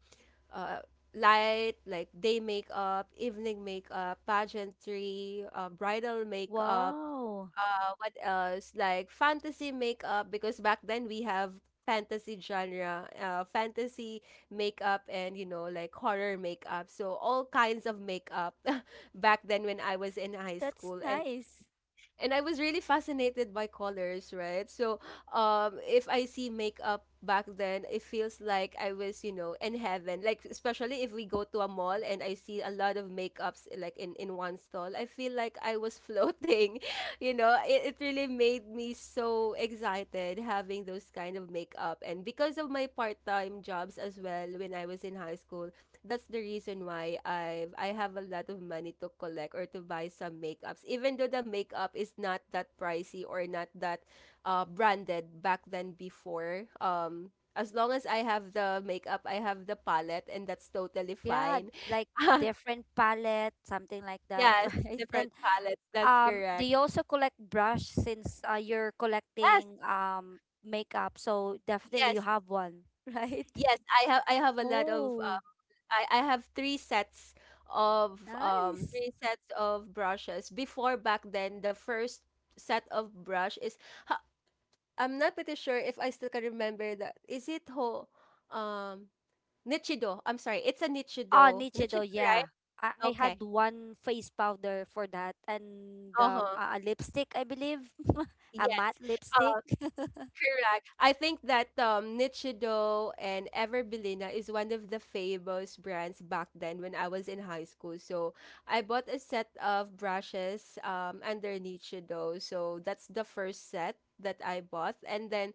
Speaker 1: uh Light like day makeup, evening makeup, pageantry, bridal makeup
Speaker 3: Wow.
Speaker 1: what else? Like fantasy makeup, because back then we have fantasy genre, fantasy makeup, and you know, like horror makeup. So all kinds of makeup back then when I was in high
Speaker 3: That's
Speaker 1: school.
Speaker 3: nice.
Speaker 1: And I was really fascinated by colors, right? So, if I see makeup back then, it feels like I was, you know, in heaven. Like especially if we go to a mall and I see a lot of makeups like in one stall, I feel like I was floating. You know, it really made me so excited having those kind of makeup, and because of my part time jobs as well when I was in high school, that's the reason why I have a lot of money to collect or to buy some makeups. Even though the makeup is not that pricey or not that branded back then before. As long as I have the makeup, I have the palette and that's totally
Speaker 3: Yeah,
Speaker 1: fine.
Speaker 3: like different palette, something like that,
Speaker 1: Yes,
Speaker 3: right? And
Speaker 1: different palettes. That's
Speaker 3: do
Speaker 1: correct.
Speaker 3: you also collect brush, since you're
Speaker 1: Yes,
Speaker 3: collecting makeup? So definitely you
Speaker 1: yes.
Speaker 3: have one, right?
Speaker 1: Yes, I have a lot of
Speaker 3: Oh,
Speaker 1: I have three sets of
Speaker 3: nice.
Speaker 1: brushes. Before back then, the first set of brush is ha, I'm not pretty sure if I still can remember that. Is it ho um Nichido? I'm sorry, it's a
Speaker 3: Ah,
Speaker 1: Nichido.
Speaker 3: Nichido,
Speaker 1: Nichido, right?
Speaker 3: yeah. I
Speaker 1: Okay.
Speaker 3: had one face powder for that, and
Speaker 1: Uh-huh.
Speaker 3: a lipstick, I believe. A
Speaker 1: Yes.
Speaker 3: matte lipstick.
Speaker 1: Correct. I think that Nichido and Everbelina is one of the famous brands back then when I was in high school. So I bought a set of brushes under Nichido. So that's the first set that I bought. And then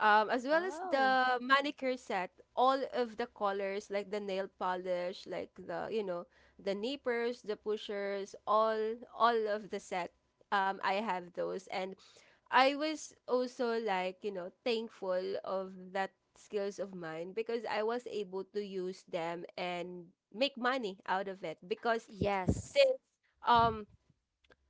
Speaker 1: as well as
Speaker 3: Wow.
Speaker 1: the manicure set, all of the colors like the nail polish, like the, you know, the nippers, the pushers, all of the set. I have those and I was also, like, you know, thankful of that skills of mine because I was able to use them and make money out of it. Because
Speaker 3: Yes.
Speaker 1: since um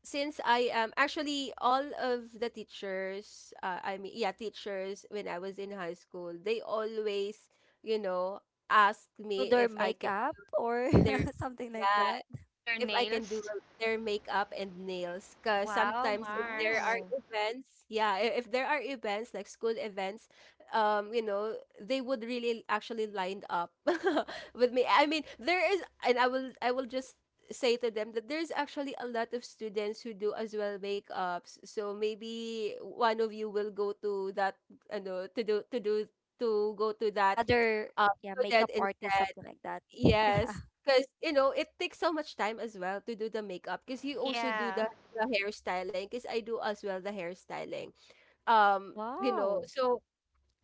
Speaker 1: since I am actually, all of the teachers yeah, teachers, when I was in high school, they always, you know, asked
Speaker 3: Do
Speaker 1: me
Speaker 3: their
Speaker 1: if I can
Speaker 3: makeup, or
Speaker 1: their
Speaker 3: something like
Speaker 1: yeah
Speaker 3: that.
Speaker 2: or their
Speaker 1: if I can do
Speaker 2: nails.
Speaker 1: their makeup and nails. Because
Speaker 2: Wow,
Speaker 1: sometimes if there are
Speaker 2: Mars.
Speaker 3: Wow.
Speaker 1: events, yeah, if there are events like school events, you know, they would really actually line up with me. I mean, there is, and I will just say to them that there's actually a lot of students who do as well makeups. So maybe one of you will go to that, you know, to do to go to
Speaker 3: To
Speaker 1: that
Speaker 3: other,
Speaker 1: uh,
Speaker 3: yeah, makeup
Speaker 1: student
Speaker 3: artists,
Speaker 1: instead.
Speaker 3: something like that. Yeah.
Speaker 1: Yes, because you know it takes so much time as well to do the makeup. Because you also do
Speaker 2: Yeah.
Speaker 1: the hairstyling. Because I do as well the hairstyling. Um, you know,
Speaker 3: Wow.
Speaker 1: so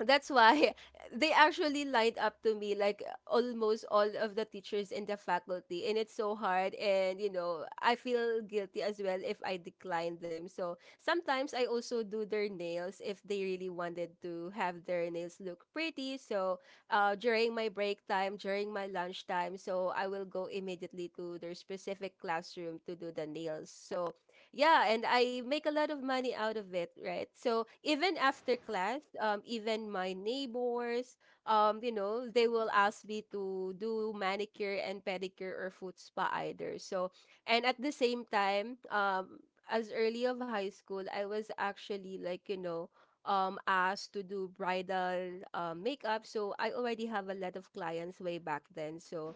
Speaker 1: that's why they actually lined up to me, like almost all of the teachers in the faculty, and it's so hard. And you know, I feel guilty as well if I decline them. So sometimes I also do their nails if they really wanted to have their nails look pretty. So during my break time, during my lunch time, so I will go immediately to their specific classroom to do the nails. So, yeah, and I make a lot of money out of it, right? So even after class, even my neighbors, you know, they will ask me to do manicure and pedicure or foot spa either. So, and at the same time, as early of high school, I was actually, like, you know, asked to do bridal makeup. So I already have a lot of clients way back then. So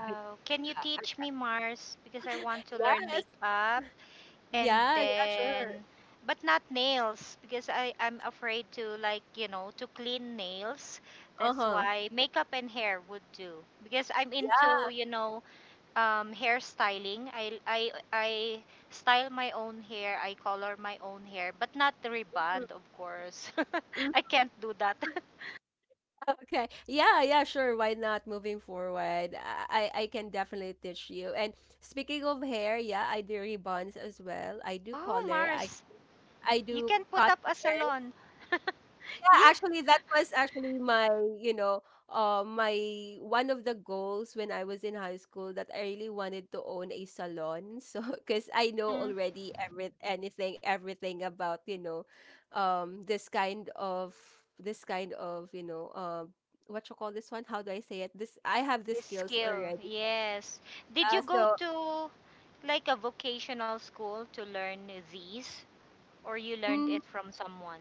Speaker 1: I,
Speaker 2: Can you
Speaker 1: I,
Speaker 2: teach
Speaker 1: I
Speaker 2: me, Mars? Because I want to learn
Speaker 1: yes,
Speaker 2: makeup. And
Speaker 1: yeah, yeah, sure.
Speaker 2: then but not nails because I'm afraid to like you know to clean nails. That's
Speaker 1: Uh-huh.
Speaker 2: why makeup and hair would do because I'm
Speaker 1: Yeah.
Speaker 2: into you know hairstyling. I style my own hair. I color my own hair, but not the rebond, of course.
Speaker 1: mm,
Speaker 2: I can't do that.
Speaker 1: Okay. Yeah, yeah, sure. Why not? Moving forward, I can definitely teach you. And speaking of hair, yeah, I do ribbons as well. I do
Speaker 2: Oh
Speaker 1: color.
Speaker 2: Mars,
Speaker 1: I
Speaker 2: you
Speaker 1: do
Speaker 2: can put
Speaker 1: cut.
Speaker 2: up a salon.
Speaker 1: Yeah,
Speaker 2: Yeah.
Speaker 1: actually, that was actually my, you know, my one of the goals when I was in high school, that I really wanted to own a salon. So, because I know
Speaker 2: Mhm.
Speaker 1: already every anything, everything about, you know, um, this kind of, this kind of, you know, what you call this one? How do I say it? This, I have the
Speaker 2: This
Speaker 1: skills
Speaker 2: skill,
Speaker 1: already.
Speaker 2: yes. Did you
Speaker 1: Uh,
Speaker 2: go
Speaker 1: so.
Speaker 2: to like a vocational school to learn these, or you learned
Speaker 1: mm,
Speaker 2: it from someone?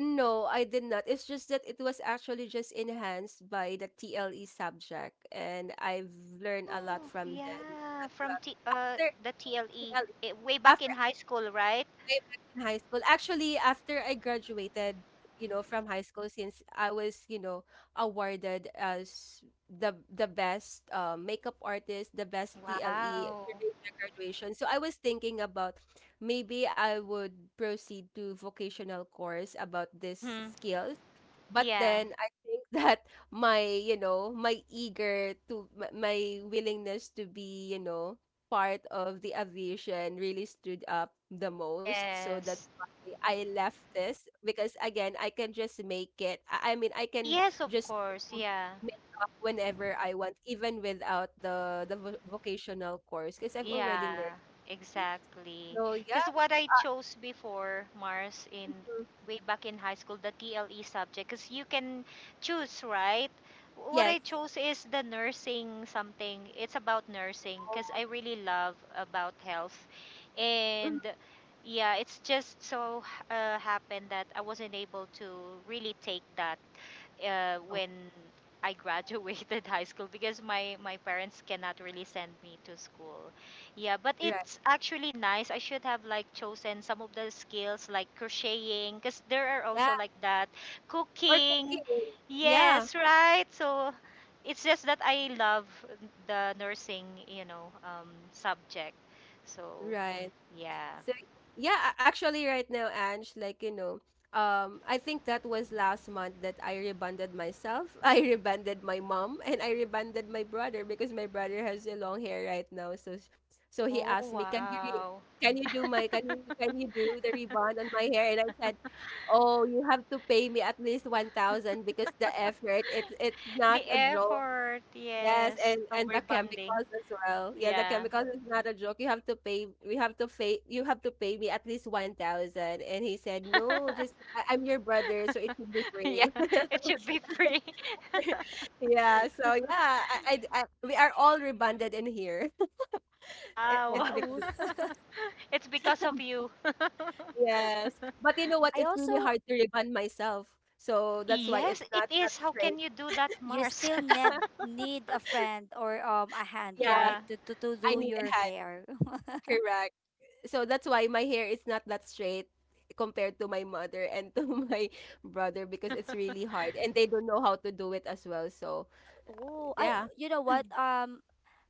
Speaker 1: No, I did not. It's just that it was actually just enhanced by the TLE subject, and I've learned a lot
Speaker 2: Oh,
Speaker 1: from then
Speaker 2: yeah,
Speaker 1: as
Speaker 2: from
Speaker 1: well.
Speaker 2: T
Speaker 1: After
Speaker 2: the TLE
Speaker 1: TLE,
Speaker 2: it, way back in high school, right?
Speaker 1: way back in high school. Actually, after I graduated, you know, from high school, since I was, you know, awarded as the best makeup artist, the best TLE
Speaker 2: Wow.
Speaker 1: during my graduation. So I was thinking about maybe I would proceed to vocational course about this
Speaker 2: Mm-hmm.
Speaker 1: skills. But
Speaker 2: Yeah.
Speaker 1: then I think that my, you know, my eager to my, willingness to be, you know, part of the aviation really stood up the most. So that's
Speaker 2: Yes.
Speaker 1: why I left this, because again, I can just make it. I mean, I can
Speaker 2: Yes, of
Speaker 1: just
Speaker 2: course.
Speaker 1: do
Speaker 2: Yeah.
Speaker 1: makeup whenever I want, even without the vocational course, because I've already
Speaker 2: Yeah,
Speaker 1: learned it.
Speaker 2: exactly.
Speaker 1: So
Speaker 2: Because
Speaker 1: yeah,
Speaker 2: what I chose before, Mars, in
Speaker 1: mm,
Speaker 2: way back in high school, the TLE subject, because you can choose, right? What
Speaker 1: yes.
Speaker 2: I chose is the nursing something. It's about nursing because
Speaker 1: Oh,
Speaker 2: I really love about health. And
Speaker 1: mm,
Speaker 2: yeah, it's just so happened that I wasn't able to really take that
Speaker 1: oh,
Speaker 2: when I graduated high school because my parents cannot really send me to school. Yeah, but
Speaker 1: right.
Speaker 2: it's actually nice. I should have like chosen some of the skills like crocheting because there are
Speaker 1: Yeah,
Speaker 2: also like that
Speaker 1: or
Speaker 2: cooking.
Speaker 1: cooking. Yeah,
Speaker 2: Yes, right. So it's just that I love the nursing, subject. So
Speaker 1: right.
Speaker 2: yeah.
Speaker 1: So yeah, actually right now, Ange, like you know, I think that was last month that I rebanded myself. I rebanded my mom and I rebanded my brother, because my brother has a long hair right now. So he
Speaker 2: Oh
Speaker 1: asked me, "Can you
Speaker 2: wow.
Speaker 1: can you do my, can you do the rebond on my hair?" And I said, "Oh, you have to pay me at least 1,000, because the effort, it's
Speaker 2: The
Speaker 1: not a joke."
Speaker 2: effort,
Speaker 1: Yes,
Speaker 2: yes,
Speaker 1: and
Speaker 2: of
Speaker 1: the
Speaker 2: rebonding.
Speaker 1: chemicals as well. Yeah, the
Speaker 2: Yeah.
Speaker 1: chemicals is not a joke. You have to pay. We have to pay. You have to pay me at least 1,000. And he said, "No, just I, I'm your brother, so it should be
Speaker 2: Yeah,
Speaker 1: free."
Speaker 2: it should be free.
Speaker 1: Yeah. So yeah, I, we are all rebonded in here.
Speaker 2: Wow.
Speaker 1: It's
Speaker 3: Wow.
Speaker 1: because
Speaker 2: It's because of you.
Speaker 1: yes, but you know what?
Speaker 3: I
Speaker 1: It's really
Speaker 3: also
Speaker 1: hard to rebond myself, so that's why
Speaker 2: Yes,
Speaker 1: it's
Speaker 2: it
Speaker 1: not
Speaker 2: is.
Speaker 1: that
Speaker 2: How can
Speaker 1: straight.
Speaker 2: you do that,
Speaker 3: you
Speaker 2: Mars?
Speaker 3: still need need a friend or a hand,
Speaker 1: Yeah,
Speaker 2: Yeah.
Speaker 3: right? To to
Speaker 1: I
Speaker 3: do
Speaker 1: need a
Speaker 3: your
Speaker 1: hand.
Speaker 3: hair.
Speaker 1: Correct. So that's why my hair is not that straight compared to my mother and to my brother, because it's really hard and they don't know how to do it as well. So
Speaker 3: Oh, I
Speaker 1: yeah.
Speaker 3: you know what?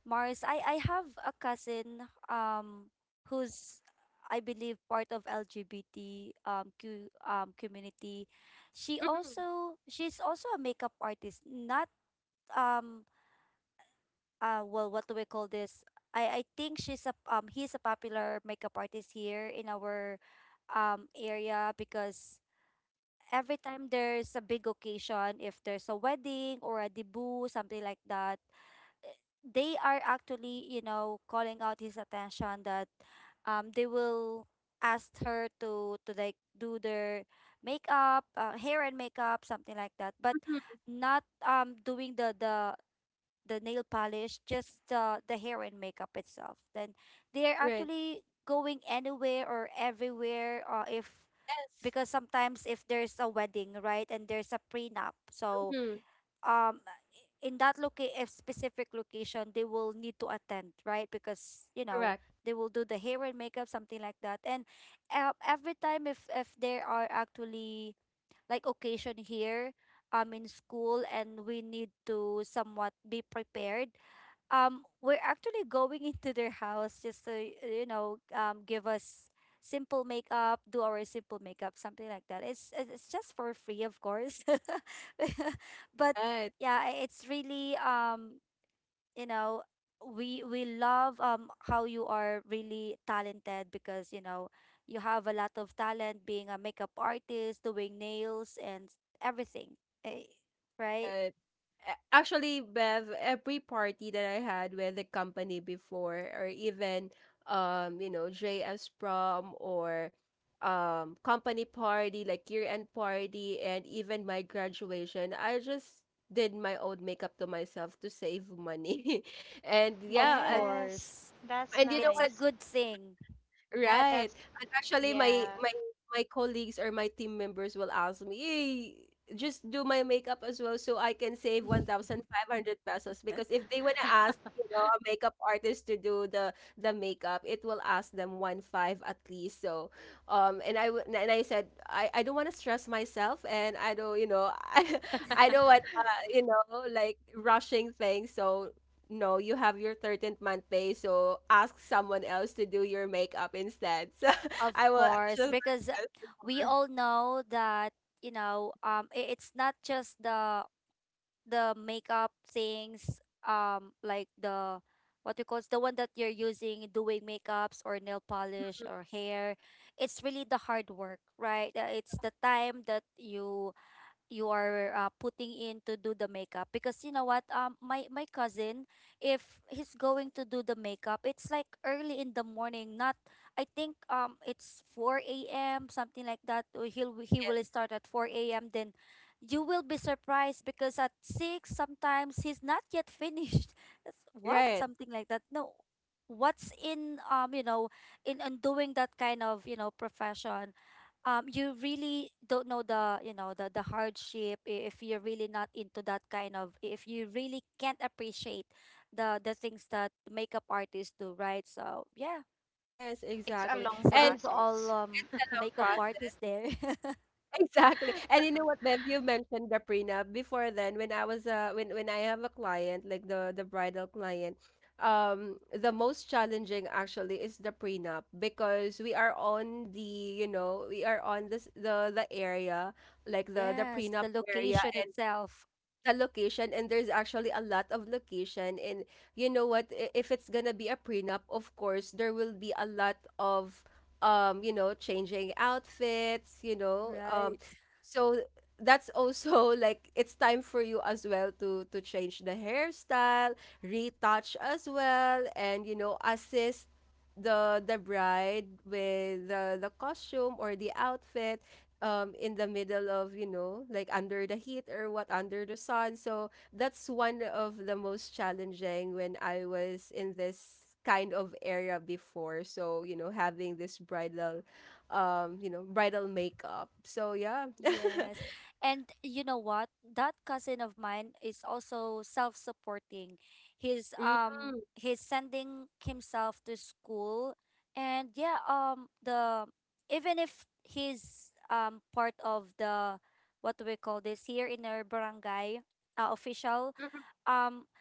Speaker 3: Mars, I have a cousin who's I believe part of LGBT Q community.
Speaker 1: Mm-hmm.
Speaker 3: She's also a makeup artist. Not um well, what do we call this? I think she's a he's a popular makeup artist here in our area, because every time there's a big occasion, if there's a wedding or a debut, something like that, they are actually, you know, calling out his attention that they will ask her to like do their makeup, hair and makeup, something like that. But not doing the the nail polish, just the hair and makeup itself. Then they are
Speaker 1: Right.
Speaker 3: actually going anywhere or everywhere, if
Speaker 1: Yes.
Speaker 3: because sometimes if there's a wedding, right, and there's a prenup, so
Speaker 1: Hmm.
Speaker 3: um in that, a specific location, they will need to attend, right, because you know
Speaker 1: Correct.
Speaker 3: they will do the hair and makeup, something like that. And every time if there are actually like occasion here in school, and we need to somewhat be prepared, we're actually going into their house just to you know give us simple makeup, do our simple makeup, something like that. It's it's just for free, of course, but
Speaker 1: Right.
Speaker 3: yeah, it's really you know, we love how you are really talented, because you know you have a lot of talent being a makeup artist, doing nails and everything, eh, right?
Speaker 1: Right. Actually, Bev, every party that I had with the company before, or even you know, JS prom or company party, like year-end party, and even my graduation, I just did my own makeup to myself to save money. And
Speaker 3: Of
Speaker 1: yeah,
Speaker 2: Yes.
Speaker 3: course,
Speaker 2: That's
Speaker 1: and you know
Speaker 3: it's a
Speaker 1: what?
Speaker 2: nice.
Speaker 3: good thing.
Speaker 2: Yeah,
Speaker 1: Right.
Speaker 2: that's
Speaker 1: And actually
Speaker 2: yeah.
Speaker 1: my my colleagues or my team members will ask me, "Hey, just do my makeup as well so I can save 1,500 pesos," because if they want to ask, you know, a makeup artist to do the makeup, it will ask them one five at least. So, um, and and I said I don't want to stress myself, and I don't, you know, I don't want you know, like, rushing things. So no, you have your 13th month pay, so ask someone else to do your makeup instead. So
Speaker 3: Of
Speaker 1: I will I was
Speaker 3: course,
Speaker 1: just
Speaker 3: because
Speaker 1: like this
Speaker 3: we
Speaker 1: before.
Speaker 3: all know that, you know, it's not just the makeup things, like the what you call it's the one that you're using doing makeups or nail polish or hair. It's really the hard work, right? It's the time that you are putting in to do the makeup. Because you know what, my my cousin, if he's going to do the makeup, it's like early in the morning, not I think it's 4 a.m. something like that, or he
Speaker 1: Yes.
Speaker 3: will start at 4 a.m. Then you will be surprised because at 6 sometimes he's not yet finished. That's- what
Speaker 1: Right.
Speaker 3: something like that. No, what's in you know in doing that kind of you know profession, you really don't know the you know the hardship, if you're really not into that kind of, if you really can't appreciate the things that makeup artists do, right? So yeah,
Speaker 1: Yes,
Speaker 2: It's a
Speaker 1: exactly.
Speaker 2: long
Speaker 3: salute
Speaker 1: And
Speaker 3: to all
Speaker 2: process.
Speaker 1: some
Speaker 3: makeup
Speaker 1: process.
Speaker 3: artists there.
Speaker 1: Exactly. And you know what, Bev, you mentioned the prenup. Before then, when I was when I have a client, like the bridal client, um, the most challenging actually is the prenup, because we are on the, you know, we are on this the area, like the
Speaker 3: Yes, the
Speaker 1: prenup area,
Speaker 3: location itself,
Speaker 1: the location. And there's actually a lot of location. And you know what, if it's gonna be a prenup, of course there will be a lot of um, you know, changing outfits, you know, um,
Speaker 3: right.
Speaker 1: so that's also like it's time for you as well to change the hairstyle, retouch as well, and you know, assist the bride with the costume or the outfit, um, in the middle of, you know, like under the heat or what, under the sun. So that's one of the most challenging when I was in this kind of area before. So you know, having this bridal um, you know, bridal makeup, so yeah.
Speaker 3: Yes. And you know what? That cousin of mine is also self-supporting.
Speaker 1: mm,
Speaker 3: He's sending himself to school. And yeah, the even if he's part of the what do we call this, here in our barangay, official,
Speaker 1: mhm.
Speaker 3: um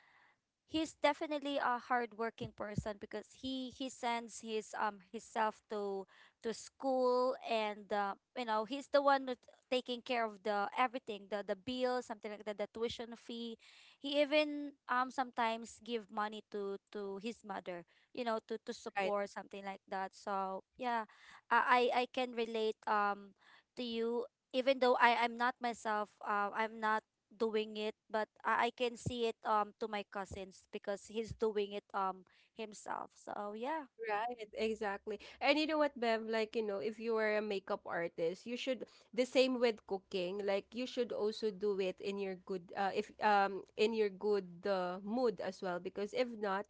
Speaker 3: he's definitely a hardworking person, because he sends his himself to school. And you know, he's the one who's taking care of the everything, the bills, something like that, the tuition fee. He even sometimes give money to his mother, you know, to
Speaker 1: Right.
Speaker 3: support, something like that. So yeah, I can relate, to you, even though I'm not doing it, but I can see it to my cousins, because he's doing it himself. So yeah.
Speaker 1: Right, exactly. And you know what, Bev, like, you know, if you are a makeup artist, you should the same with cooking, like you should also do it in your good if um, in your good mood as well, because if not,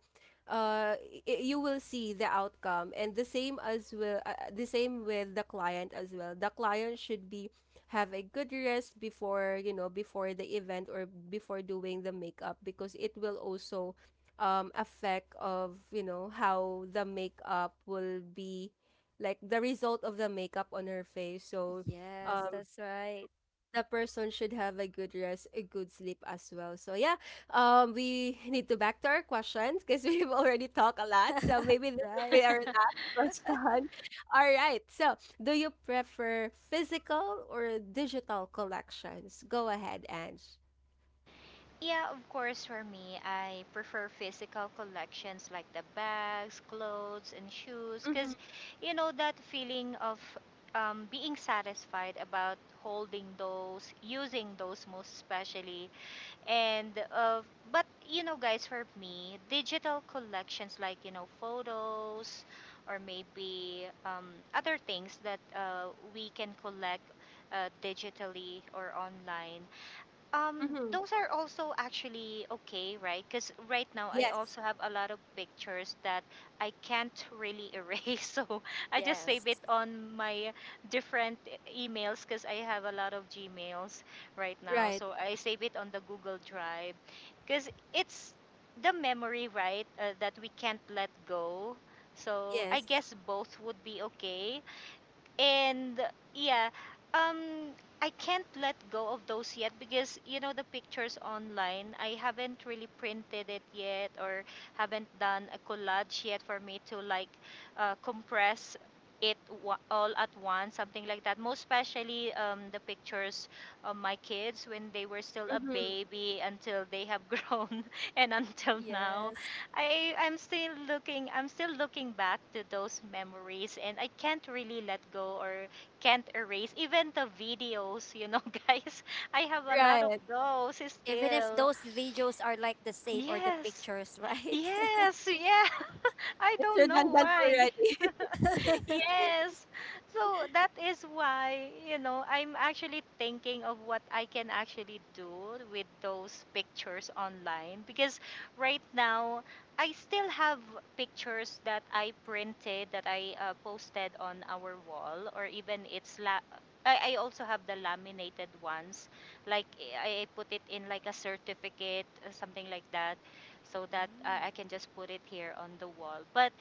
Speaker 1: uh you will see the outcome, and the same as well the same with the client as well. The client should be have a good rest before, you know, before the event or before doing the makeup, because it will also um, effect of you know how the makeup will be, like the result of the makeup on her face. So
Speaker 3: Yes,
Speaker 1: um,
Speaker 3: that's right.
Speaker 1: the person should have a good rest, a good sleep as well. So yeah, um, we need to back to our questions, because we've already talked a lot, so maybe this will be
Speaker 3: Right.
Speaker 1: our last question. All right, so do you prefer physical or digital collections? Go ahead, Ange.
Speaker 2: Yeah, of course, for me, I prefer physical collections like the bags, clothes, and shoes
Speaker 1: Mm-hmm.
Speaker 2: because, you know, that feeling of being satisfied about holding those, using those most especially. And, but, you know, guys, for me, digital collections like, you know, photos or maybe other things that we can collect digitally or online,
Speaker 1: Mm-hmm.
Speaker 2: those are also actually okay, right? Because right now I
Speaker 1: Yes.
Speaker 2: also have a lot of pictures that I can't really erase. So I just save it
Speaker 3: Yes.
Speaker 2: on my different emails because I have a lot of Gmails right now.
Speaker 1: Right.
Speaker 2: So I save it on the Google Drive because it's the memory, right, that we can't let go. So I
Speaker 1: Yes.
Speaker 2: guess both would be okay and yeah, um I can't let go of those yet because you know the pictures online I haven't really printed it yet or haven't done a collage yet for me to like compress it, all at once, something like that, most especially the pictures of my kids when they were still a
Speaker 1: Mm-hmm.
Speaker 2: baby until they have grown and until now.
Speaker 3: Yes.
Speaker 2: I'm still looking, I'm still looking back to those memories and I can't really let go or can't erase even the videos, you know, guys. I have a lot of
Speaker 1: Right.
Speaker 2: those
Speaker 3: Even if
Speaker 2: still.
Speaker 3: those videos are like the same or the
Speaker 2: Yes.
Speaker 3: pictures, right?
Speaker 2: Yes, yeah. I
Speaker 1: It's
Speaker 2: don't know
Speaker 1: redundant
Speaker 2: why.
Speaker 1: already.
Speaker 2: Yes. So that is why, you know, I'm actually thinking of what I can actually do with those pictures online because right now I still have pictures that I printed, that I posted on our wall, or even it's I also have the laminated ones, like I put it in like a certificate, something like that, so that I
Speaker 3: Mm.
Speaker 2: can just put it here on the wall. But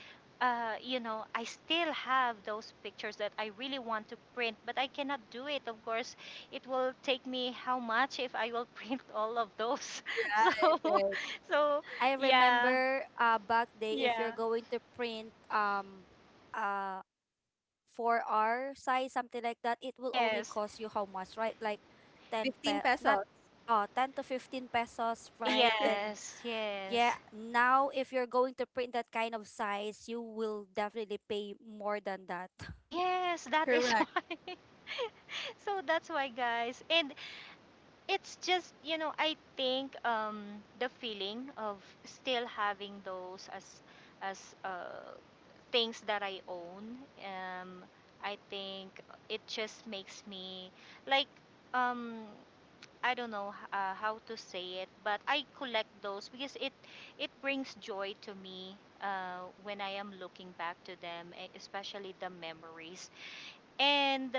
Speaker 2: you know, I still have those pictures that I really want to print, but I cannot do it. Of course, it will take me how much if I will print all of those.
Speaker 1: Right,
Speaker 2: So,
Speaker 1: right.
Speaker 2: so
Speaker 3: I
Speaker 2: yeah,
Speaker 3: remember back day if
Speaker 2: yeah,
Speaker 3: you're going to print uh for our size, something like that, it will only
Speaker 2: yes,
Speaker 3: cost you how much, right? Like 10
Speaker 1: 15
Speaker 3: pe not
Speaker 1: pesos.
Speaker 3: 10 to 15 pesos, right? Then
Speaker 2: yes,
Speaker 3: yeah,
Speaker 2: yes,
Speaker 3: now if you're going to print that kind of size, you will definitely pay more than that.
Speaker 2: yes. That is
Speaker 1: Correct.
Speaker 2: why. So that's why, guys, and it's just you know, I think, the feeling of still having those as things that I own. Um, I think it just makes me like, um I don't know how to say it, but I collect those because it brings joy to me when I am looking back to them, especially the memories. And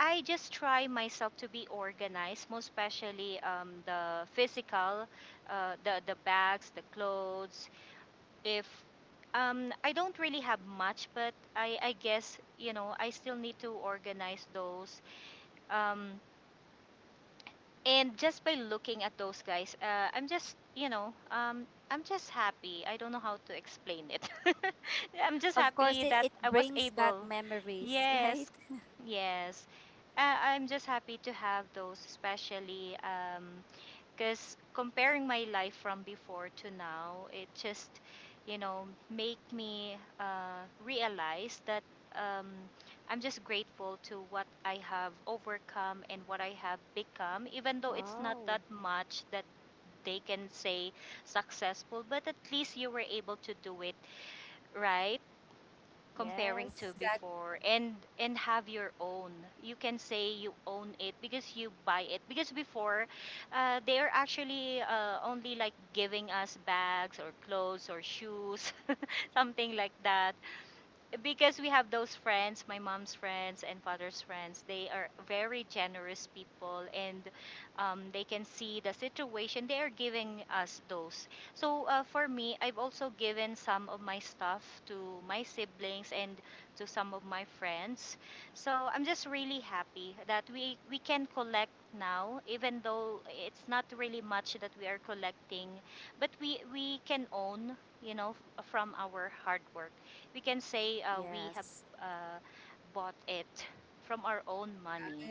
Speaker 2: I just try myself to be organized, most especially the physical, the bags, the clothes, if, I don't really have much, but I guess, you know, I still need to organize those. Um, and just by looking at those guys, I'm just, you know, I'm just happy. I don't know how to explain it. I'm just
Speaker 3: Of course,
Speaker 2: happy that
Speaker 3: it
Speaker 2: I was
Speaker 3: brings back
Speaker 2: able.
Speaker 3: memories, right?
Speaker 2: Yes, yes. I'm just happy to have those, especially. Because comparing my life from before to now, it just, you know, make me realize that, um, I'm just grateful to what I have overcome and what I have become, even though it's not
Speaker 3: Wow.
Speaker 2: that much that they can say successful, but at least you were able to do it, right? Comparing to
Speaker 3: Yes.
Speaker 1: Exactly.
Speaker 2: before, and have your own. You can say you own it because you buy it, because before they are actually only like giving us bags or clothes or shoes, something like that, because we have those friends, my mom's friends and father's friends, they are very generous people, and they can see the situation. They are giving us those. So for me, I've also given some of my stuff to my siblings and to some of my friends. So I'm just really happy that we can collect now, even though it's not really much that we are collecting, but we can own, you know, f- from our hard work we can say we have
Speaker 3: Yes.
Speaker 2: uh, bought it from our own money.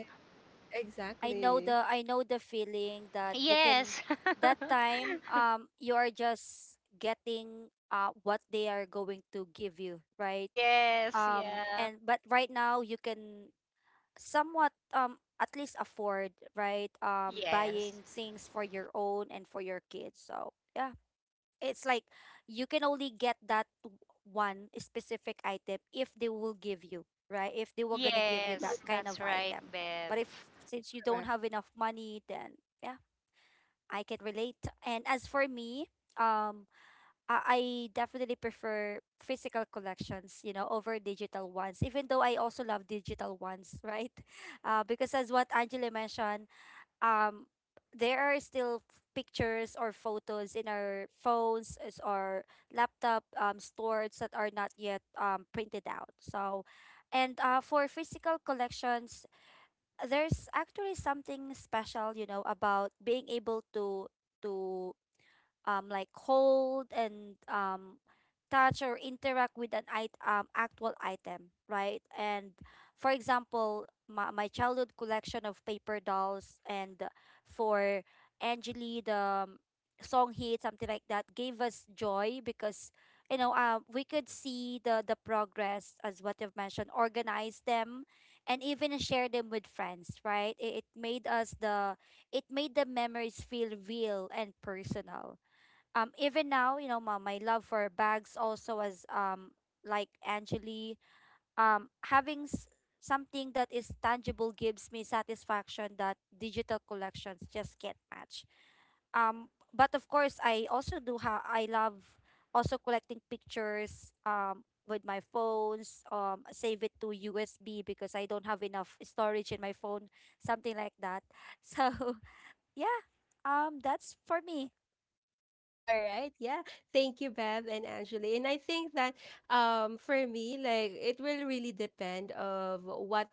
Speaker 1: Exactly.
Speaker 3: I know the feeling that you can
Speaker 2: Yes.
Speaker 3: that time, you are just getting what they are going to give you, right?
Speaker 2: Yes, yeah.
Speaker 3: And but right now you can somewhat at least afford, right?
Speaker 2: Yes.
Speaker 3: Buying things for your own and for your kids. So yeah, it's like you can only get that one specific item if they will give you, right? If they were gonna give you that
Speaker 2: Yes,
Speaker 1: Hmm.
Speaker 3: kind
Speaker 2: that's
Speaker 3: of
Speaker 2: right,
Speaker 3: item.
Speaker 2: Bev.
Speaker 3: But if since you don't
Speaker 1: Correct.
Speaker 3: have enough money, then yeah, I can relate. And as for me, um, I definitely prefer physical collections, you know, over digital ones. Even though I also love digital ones, right? Because as what Angela mentioned, um there are still pictures or photos in our phones as our laptop stores that are not yet printed out. So and for physical collections, there's actually something special, you know, about being able to to like hold and touch or interact with actual item, right? And for example, my childhood collection of paper dolls, and for Angeli the song hit, something like that, gave us joy, because you know we could see the progress, as what you've mentioned, organize them, and even share them with friends, right? It made us the it made the memories feel real and personal. Even now, you know, my love for bags also, as like Angeli, having something that is tangible gives me satisfaction that digital collections just can't match. But of course I also do have I love also collecting pictures with my phones, save it to USB, because I don't have enough storage in my phone, something like that. So yeah, that's for me.
Speaker 1: All right. Yeah. Thank you, Bev and Angeli. And I think that um, for me, like, it will really depend of what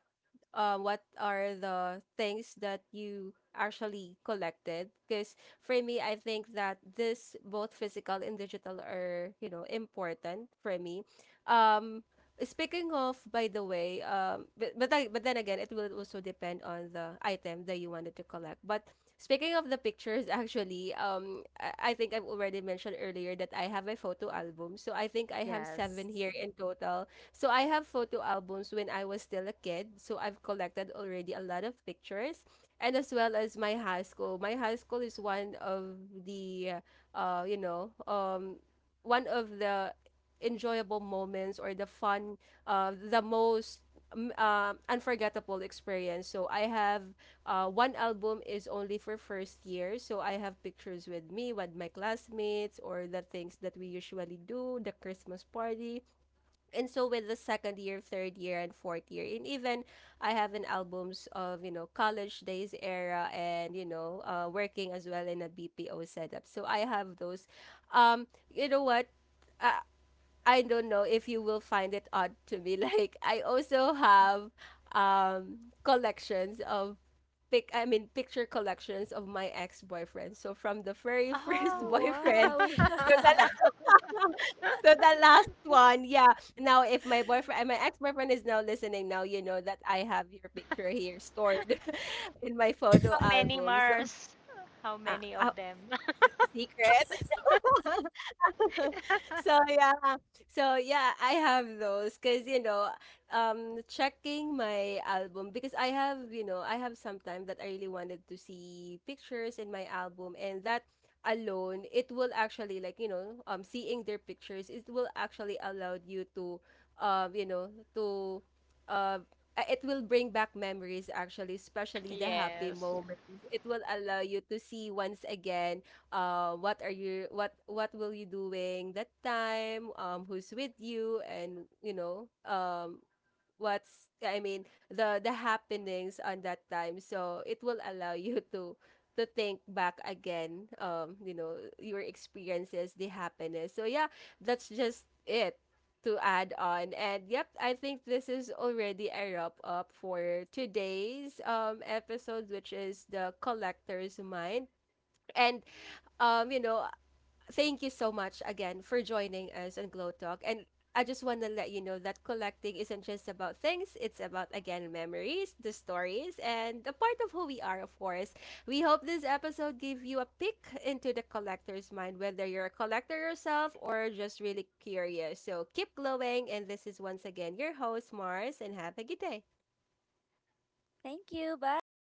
Speaker 1: um, what are the things that you actually collected. Because for me, I think that this both physical and digital are, you know, important for me. Um, speaking of, by the way, I, but then again, it will also depend on the item that you wanted to collect. But speaking of the pictures, actually, I think I've already mentioned earlier that I have a photo album. So I think I have
Speaker 3: Yes.
Speaker 1: seven here in total. So I have photo albums when I was still a kid. So I've collected already a lot of pictures, and as well as my high school. My high school is one of the, you know, one of the enjoyable moments, or the fun, the most unforgettable experience. So I have one album is only for first year. So I have pictures with me, with my classmates, or the things that we usually do, the Christmas party. And so with the second year, third year, and fourth year, and even I have an albums of you know college days era, and you know, working as well in a BPO setup. So I have those. You know what? Uh, I don't know if you will find it odd to me. Like I also have um, collections of pic I mean, picture collections of my ex-boyfriend. So from the very first
Speaker 2: Oh.
Speaker 1: boyfriend
Speaker 3: Wow.
Speaker 1: to the la- to the last one. Yeah. Now if my boyfriend, my ex-boyfriend is now listening now, you know that I have your picture here stored in my photo
Speaker 2: How many
Speaker 1: album. So
Speaker 2: Mars? How
Speaker 1: uh,
Speaker 2: many of
Speaker 1: uh,
Speaker 2: them?
Speaker 1: secret. So yeah, so yeah, I have those, because you know, checking my album, because I have you know, I have some time that I really wanted to see pictures in my album, and that alone, it will actually, like, you know, um, seeing their pictures, it will actually allow you to um, you know, to uh it will bring back memories actually, especially the happy
Speaker 2: Yes.
Speaker 1: moments. It will allow you to see once again what are you, what will you doing that time, um, who's with you, and you know, um, what's I mean, the happenings on that time. So it will allow you to think back again, um, you know, your experiences, the happiness. So yeah, that's just it. To add on, and yep, I think this is already a wrap up for today's um, episode, which is the Collector's Mind. And um, you know, thank you so much again for joining us on Glow Talk. And I just want to let you know that collecting isn't just about things, it's about, again, memories, the stories, and a part of who we are, of course. We hope this episode gave you a peek into the collector's mind, whether you're a collector yourself or just really curious. So keep glowing. And this is once again your host, Mars, and have a good day.
Speaker 3: Thank you. Bye.